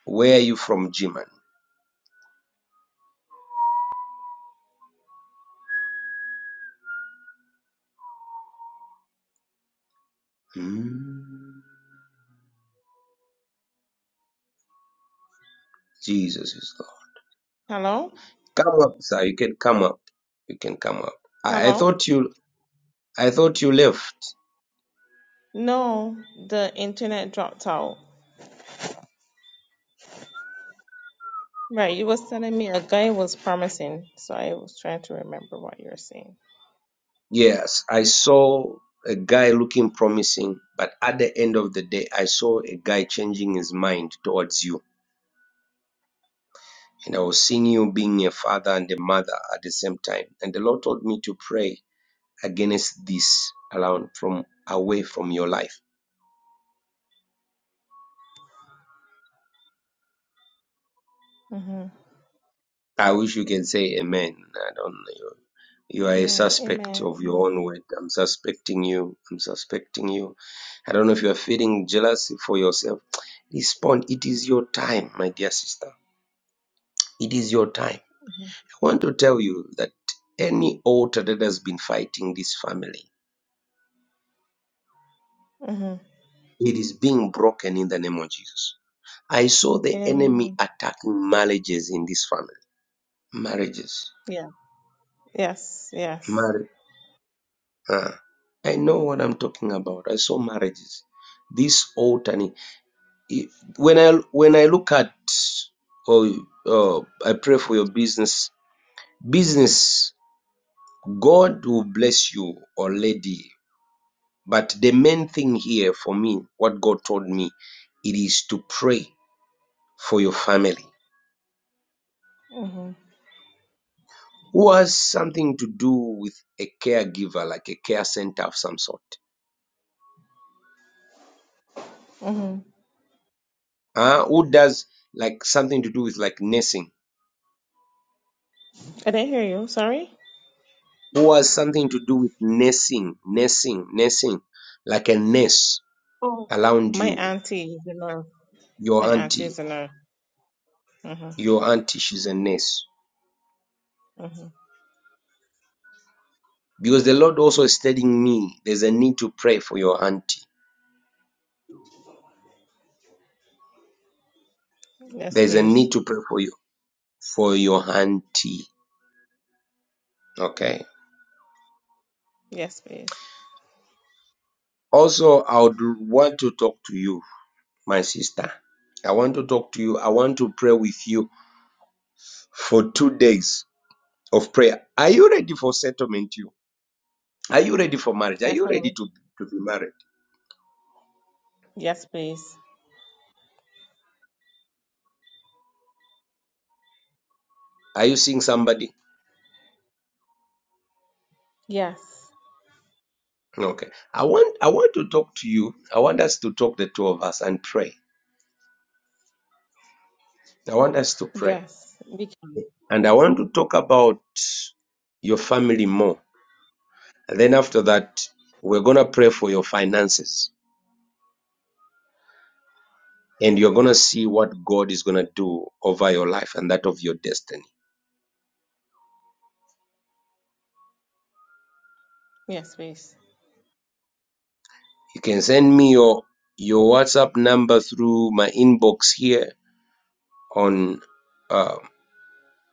A: Where are you from, Jima? Mm. Jesus is Lord.
I: Hello?
A: Come up, sir. You can come up. You can come up. I, I
I: Hello?
A: thought you. I thought you left.
I: No, the internet dropped out. Right, you was telling me a guy was promising, so I was trying to remember what you were saying.
A: Yes, I saw a guy looking promising, but at the end of the day, I saw a guy changing his mind towards you. And I was seeing you being a father and a mother at the same time. And the Lord told me to pray against this around from away from your life.
I: Mm-hmm.
A: I wish you can say amen. I don't know. You are a
I: Yeah,
A: suspect of your own
I: amen.
A: word. I'm suspecting you. I'm suspecting you. I don't know if you are feeling jealousy for yourself. Respond. It is your time, my dear sister. It is your time.
I: Mm-hmm.
A: I want to tell you that any altar that has been fighting this family,
I: Mm-hmm.
A: it is being broken in the name of Jesus. I saw the enemy
I: Amen.
A: attacking marriages in this family. Marriages.
I: Yeah, yes, yes.
A: Marriages. Uh, I know what I'm talking about. I saw marriages. This alternate. i- When I when I look at or oh, uh, I pray for your business. Business, God will bless you or lady. But the main thing here for me, what God told me, it is to pray for your family.
I: Mm-hmm.
A: Who has something to do with a caregiver, like a care center of some sort?
I: Mm-hmm.
A: Uh, who does like something to do with like nursing?
I: I didn't hear you. Sorry.
A: who has something to do with nursing, nursing, nursing, like a nurse
I: Oh,
A: around
I: My
A: you,
I: auntie is in her. My
A: your
I: auntie
A: auntie,
I: is in her. Mhm.
A: your auntie, she's a nurse.
I: Mhm.
A: Because the Lord also is telling me there's a need to pray for your auntie.
I: Yes,
A: There's a
I: please.
A: need to pray for you for your auntie. Okay.
I: Yes, please.
A: Also, I would want to talk to you, my sister. I want to talk to you. I want to pray with you for two days of prayer. Are you ready for settlement? You are you ready for marriage? Are you ready
I: F-O.
A: to, to be married?
I: Yes, please.
A: Are you seeing somebody?
I: Yes.
A: Okay. I want I want to talk to you. I want us to talk the two of us and pray. I want us to pray.
I: Yes. We can.
A: And I want to talk about your family more. And then after that, we're gonna pray for your finances. And you're gonna see what God is gonna do over your life and that of your destiny.
I: Yes, please.
A: You can send me your your WhatsApp number through my inbox here on uh,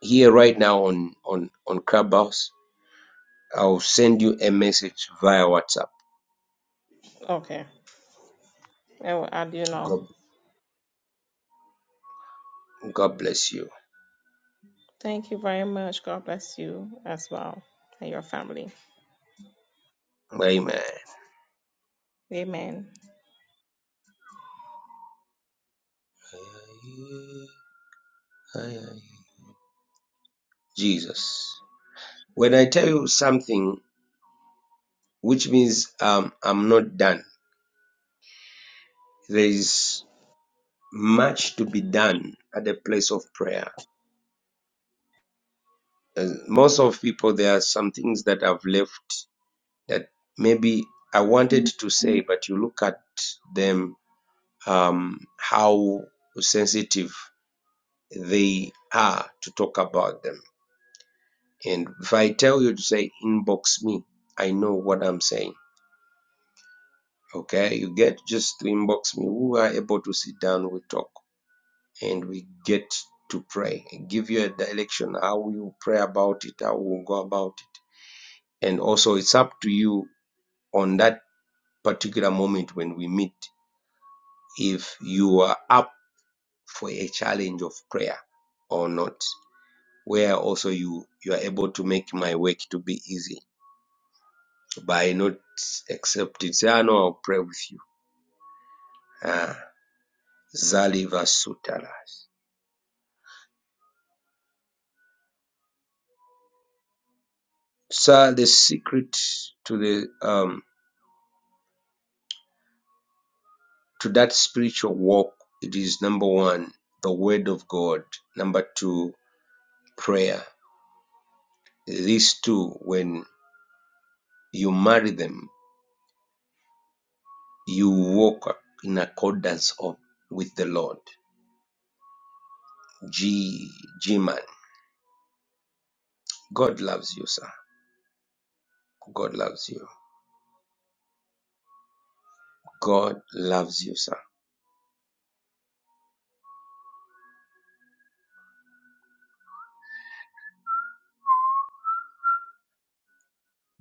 A: here right now on on on Clubhouse I'll send you a message via WhatsApp.
I: Okay. I will add you now.
A: God, God bless you.
I: Thank you very much. God bless you as well and your family.
A: Amen.
I: Amen.
A: Jesus. When I tell you something, which means um, I'm not done, there is much to be done at the place of prayer. Uh, most of people, there are some things that I've left that maybe I wanted to say, but you look at them, um, how sensitive they are to talk about them And if I tell you to say inbox me, I know what I'm saying. Okay, you get just to inbox me. We are able to sit down, we talk, and we get to pray and give you a direction how you pray about it, how we go about it. And also, it's up to you on that particular moment when we meet if you are up for a challenge of prayer or not, where also you, you are able to make my work to be easy by not accepting, Say, I know I'll pray with you. Ah, Zaliva Sutaras. So the secret to the um to that spiritual walk it is number one, the word of God. Number two, prayer. These two, when you marry them, you walk in accordance of with the Lord. G G man. God loves you, sir. God loves you. God loves you, sir.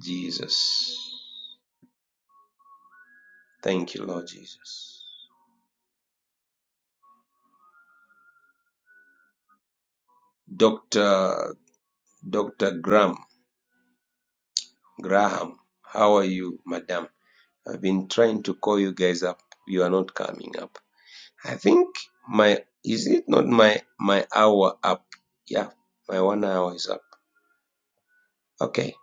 A: Jesus. Thank you, Lord Jesus. Dr. Dr. Graham, Graham, how are you, madam? I've been trying to call you guys up. You are not coming up. I think my is it not my my hour up? Yeah, my one hour is up. Okay.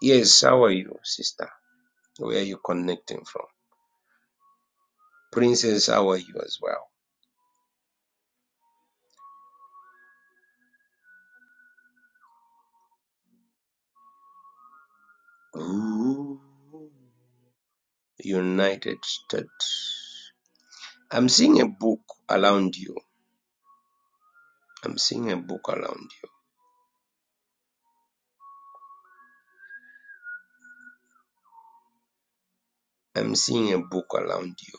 A: Yes, how are you, sister? Where are you connecting from? Princess, how are you as well? Ooh. United States. I'm seeing a book around you. I'm seeing a book around you. I'm seeing a book around you,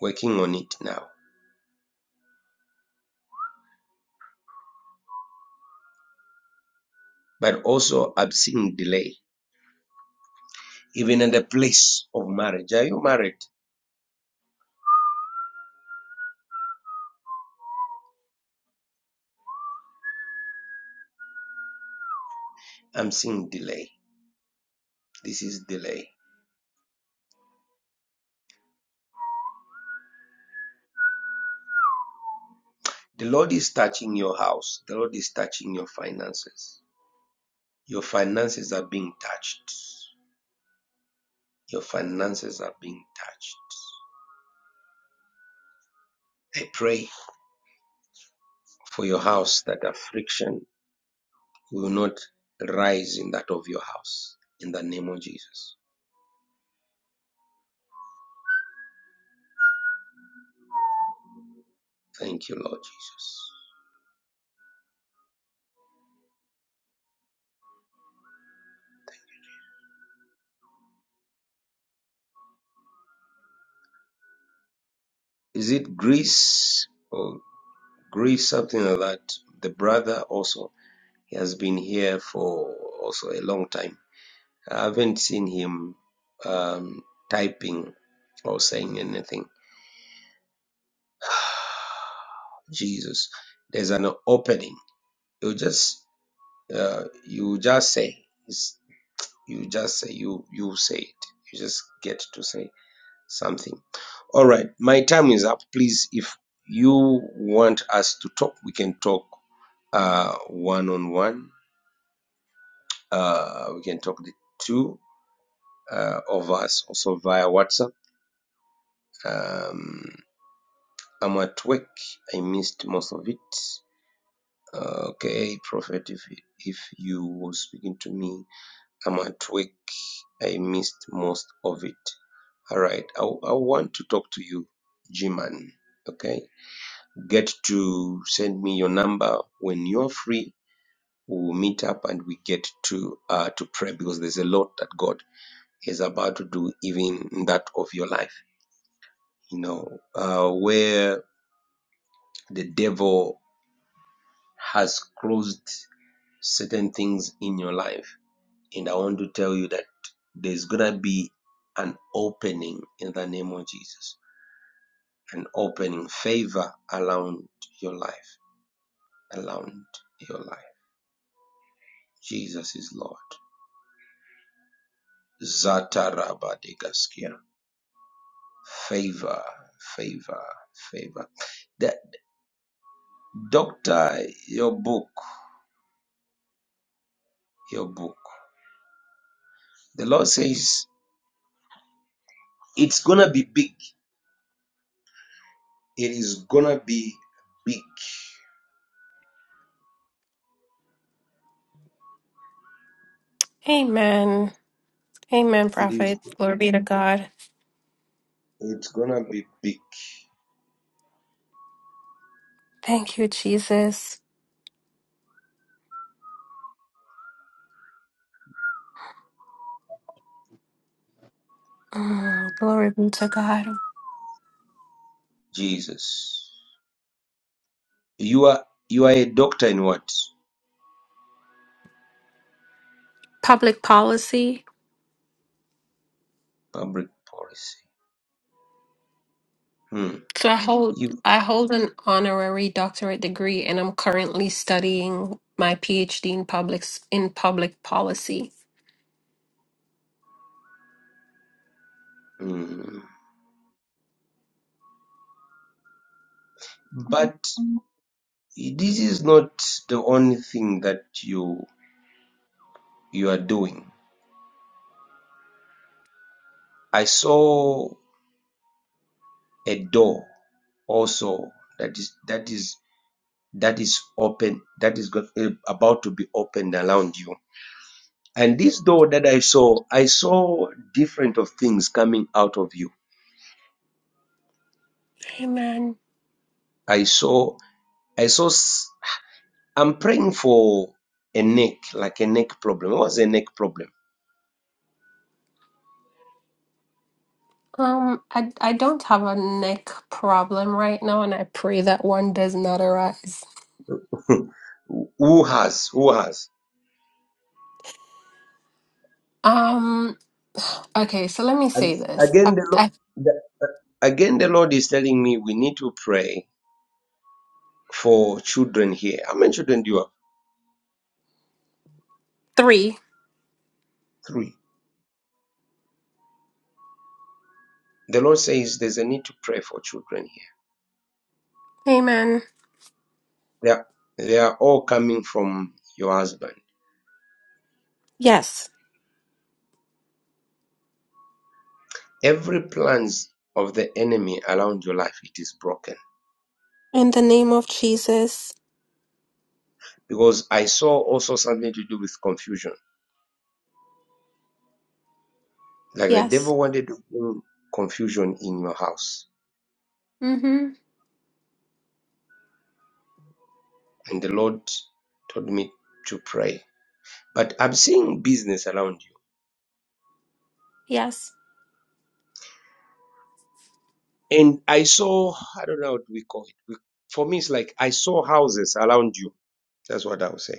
A: working on it now. But also, I'm seeing delay, even at the place of marriage. Are you married? I'm seeing delay. This is delay. The Lord is touching your house, the Lord is touching your finances. Your finances are being touched. Your finances are being touched. I pray for your house that affliction will not rise in that of your house. In the name of Jesus. Thank you, Lord Jesus. is it Greece or Greece, something like that. The brother also, he has been here for also a long time. I haven't seen him um, typing or saying anything. Jesus, there's an opening. You just, uh, you just say, It's- you just say, you you say it. You just get to say. something. All right, my time is up. Please, if you want us to talk, we can talk uh, one on one. Uh, we can talk the two uh, of us also via WhatsApp. Um, I'm at work. I missed most of it. Uh, okay, Prophet, if if you were speaking to me, I'm at work. I missed most of it. All right, I, I want to talk to you, G-Man. Okay. get to send me your number when you're free. We'll meet up and we get to uh, to pray because there's a lot that God is about to do, even in that of your life. You know, uh, where the devil has closed certain things in your life, and I want to tell you that there's gonna be an opening in the name of Jesus, an opening favor around your life, around your life. Jesus is Lord. Zatarabadegaskia. Favor, favor, favor. The doctor, your book, your book. The Lord says it's gonna be big. It is gonna be big.
J: Amen. Amen,
A: It
J: prophet.
A: is
J: Glory be to God.
A: it's gonna be big.
J: Thank you, Jesus. Mm, glory be to God.
A: Jesus. You are you are a doctor in what?
J: Public policy.
A: Public policy. Hmm.
J: So I hold
A: You
J: I hold an honorary doctorate degree and I'm currently studying my PhD in public s- in public policy.
A: hmm. but this is not the only thing that you you are doing. I saw a door also that is that is that is open that is go- eh, about to be opened around you and this door that i saw i saw different of things coming out of you
J: Amen.
A: i saw i saw s- i'm praying for a neck like a neck problem what's a neck problem
J: Um, I I don't have a neck problem right now, and I pray that one does not arise.
A: who has who has
J: Um, okay, so let me
A: and
J: say this.
A: again
J: I,
A: the, Lord,
J: I,
A: the again the lord is telling me we need to pray for children here how many children do you have
J: three.
A: three The Lord says there's a need to pray for children here.
J: Amen.
A: They are, they are all coming from your husband.
J: Yes.
A: Every plans of the enemy around your life, it is broken.
J: In the name of Jesus.
A: Because I saw also something to do with confusion. Like the
J: Yes.
A: devil wanted to bring confusion in your house.
J: Mm-hmm.
A: And the Lord told me to pray. But I'm seeing business around
J: Yes.
A: you. And I saw, I don't know what we call it. For me, it's like I saw houses around you. That's what I would say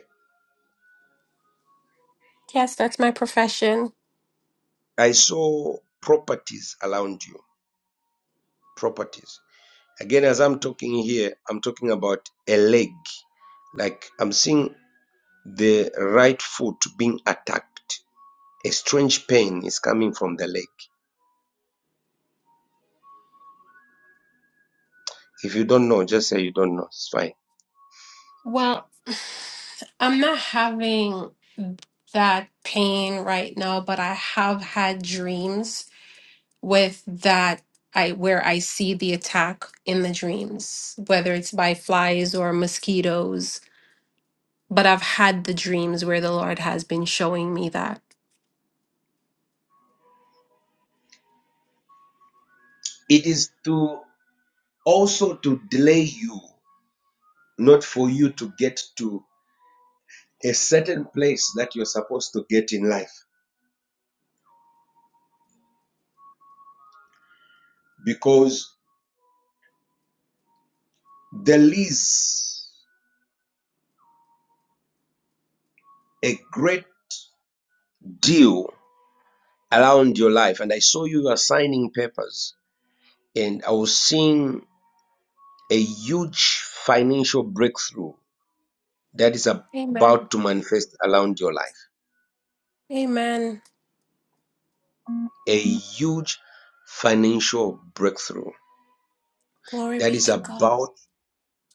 J: Yes, that's my profession.
A: I saw properties around you. Properties. Again, as I'm talking here, I'm talking about a leg. Like I'm seeing the right foot being attacked. A strange pain is coming from the leg. If you don't know, just say you don't know. It's fine.
J: Well, I'm not having that pain right now, but I have had dreams with that I where I see the attack in the dreams, whether it's by flies or mosquitoes. But I've had the dreams where the Lord has been showing me that.
A: It is to also to delay you, not for you to get to a certain place that you're supposed to get in life. because there is a great deal around your life. And I saw you were signing papers, and I was seeing a huge financial breakthrough that is
J: Amen.
A: about to manifest around your life.
J: Amen.
A: A huge financial breakthrough
J: Glory
A: that
J: be
A: is
J: to God.
A: about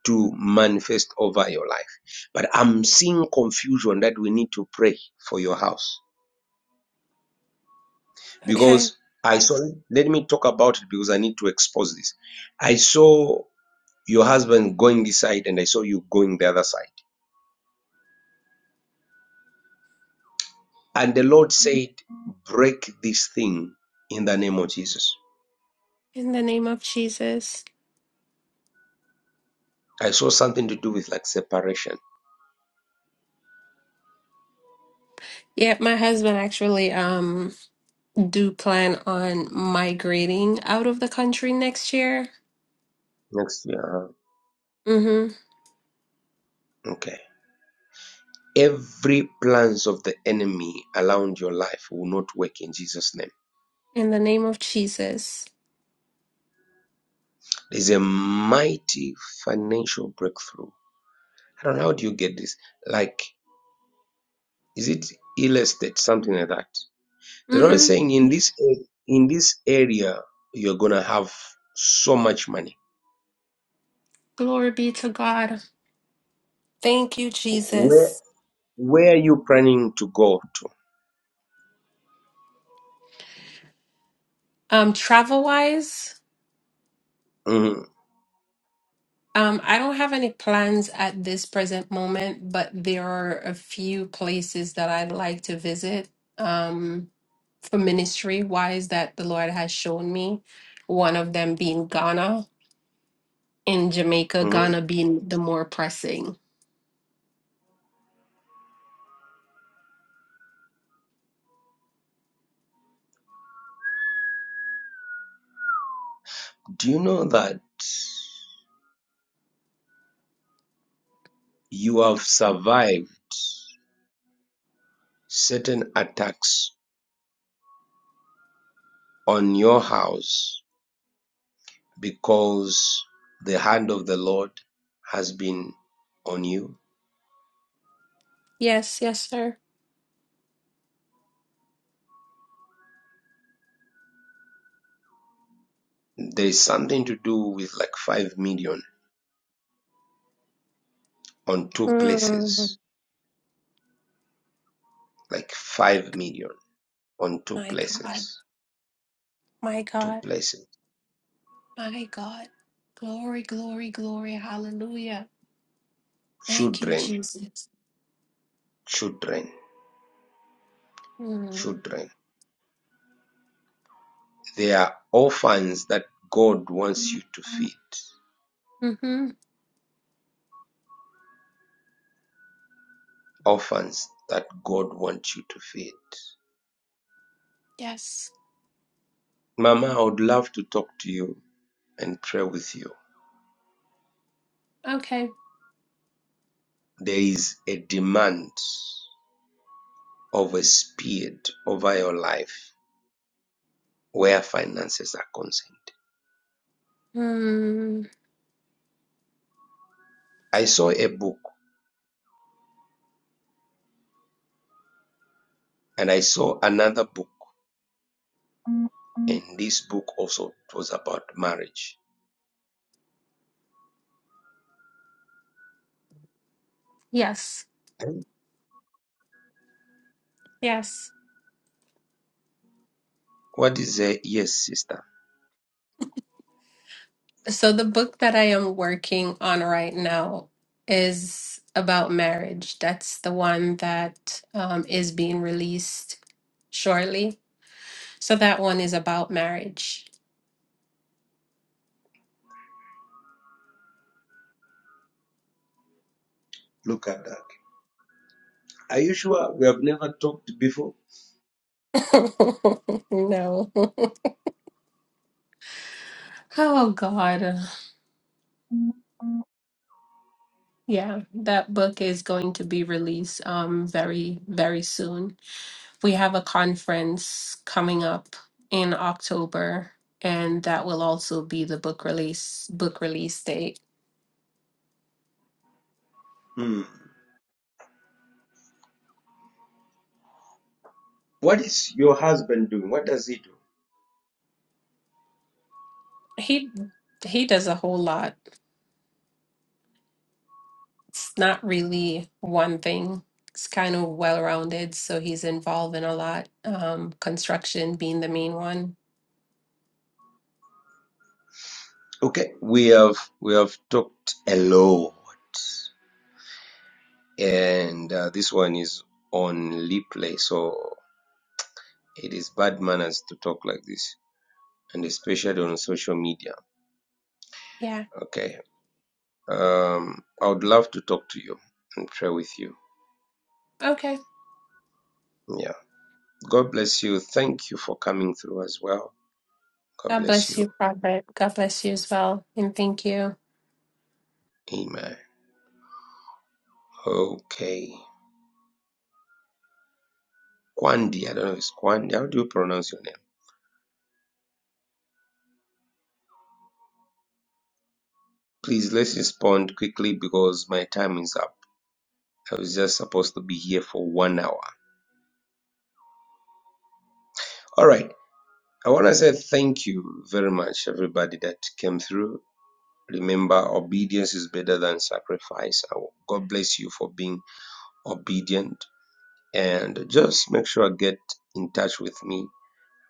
A: to manifest over your life. But I'm seeing confusion that we need to pray for your house
J: Okay.
A: because I saw, let me talk about it because I need to expose this. I saw your husband going this side and I saw you going the other side. And the Lord said, break this thing in the name of Jesus.
J: In the name of Jesus.
A: I saw something to do with like separation.
J: Yeah, my husband actually um do plan on migrating out of the country next year.
A: Next year.
J: Mm-hmm.
A: Okay. Every plans of the enemy around your life will not work in Jesus' name.
J: In the name of Jesus.
A: There's a mighty financial breakthrough. I don't know how do you get this? Like, is it real estate, something like that? They're always
J: Mm-hmm.
A: saying in this a- in this area you're gonna have so much money.
J: Glory be to God. Thank you,
A: Where
J: Jesus.
A: where are you planning to go to?
J: Um, travel wise,
A: Mhm,
J: um, I don't have any plans at this present moment, but there are a few places that I'd like to visit. Um, for ministry wise that the Lord has shown me, one of them being Ghana. in Jamaica,
A: mhm.
J: Ghana being the more pressing.
A: Do you know that you have survived certain attacks on your house because the hand of the Lord has been on you?
J: Yes, yes, sir.
A: There is something to do with like five million on two
J: Mm.
A: places, like five million on two
J: My God,
A: places,
J: my
A: two
J: God,
A: places.
J: my God. Glory, glory, glory. Hallelujah. Thank you,
A: Children,
J: Jesus.
A: children,
J: Mm.
A: children, they are orphans that God wants you to feed.
J: hmm
A: Orphans that God wants you to feed.
J: Yes.
A: Mama, I would love to talk to you and pray with you.
J: Okay.
A: There is a demand of a speed over your life where finances are concerned.
J: Mm.
A: I saw a book and I saw another book, and this book also was about marriage.
J: Yes, yes.
A: What is a yes, sister?
J: So, the book that I am working on right now is about marriage. That's the one that um, is being released shortly So that one is about marriage.
A: Look at that. Are you sure we have never talked before?
J: no. Oh God. Yeah, that book is going to be released um very, very soon. We have a conference coming up in October, and that will also be the book release book release date.
A: Hmm. What is your husband doing? What does he do?
J: He he does a whole lot. It's not really one thing. It's kind of well-rounded, so he's involved in a lot. Um, construction being the main one.
A: Okay, we have we have talked a lot, and uh, this one is on replay, so it is bad manners to talk like this, and especially on social media.
J: Yeah.
A: Okay, um, I would love to talk to you and pray with you.
J: Okay.
A: Yeah. God bless you. Thank you for coming through as well. God
J: God
A: bless
J: bless
A: you.
J: you, Prophet. God bless you as well. And thank you.
A: Amen. Okay. Kwandi, I don't know if it's Kwandi. How do you pronounce your name? Please let's respond quickly because my time is up. I was just supposed to be here for one hour. All right. I want to say thank you very much, everybody that came through. Remember, obedience is better than sacrifice. God bless you for being obedient. And just make sure I get in touch with me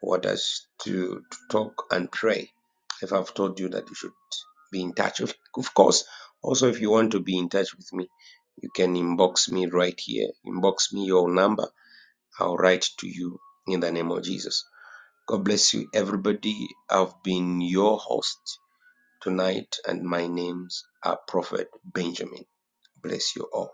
A: what us to, to talk and pray. If I've told you that you should be in touch, of, of course. Also, if you want to be in touch with me, you can inbox me right here. Inbox me your number. I'll write to you in the name of Jesus. God bless you, everybody. I've been your host tonight, and my name's are Prophet Benjamin. Bless you all.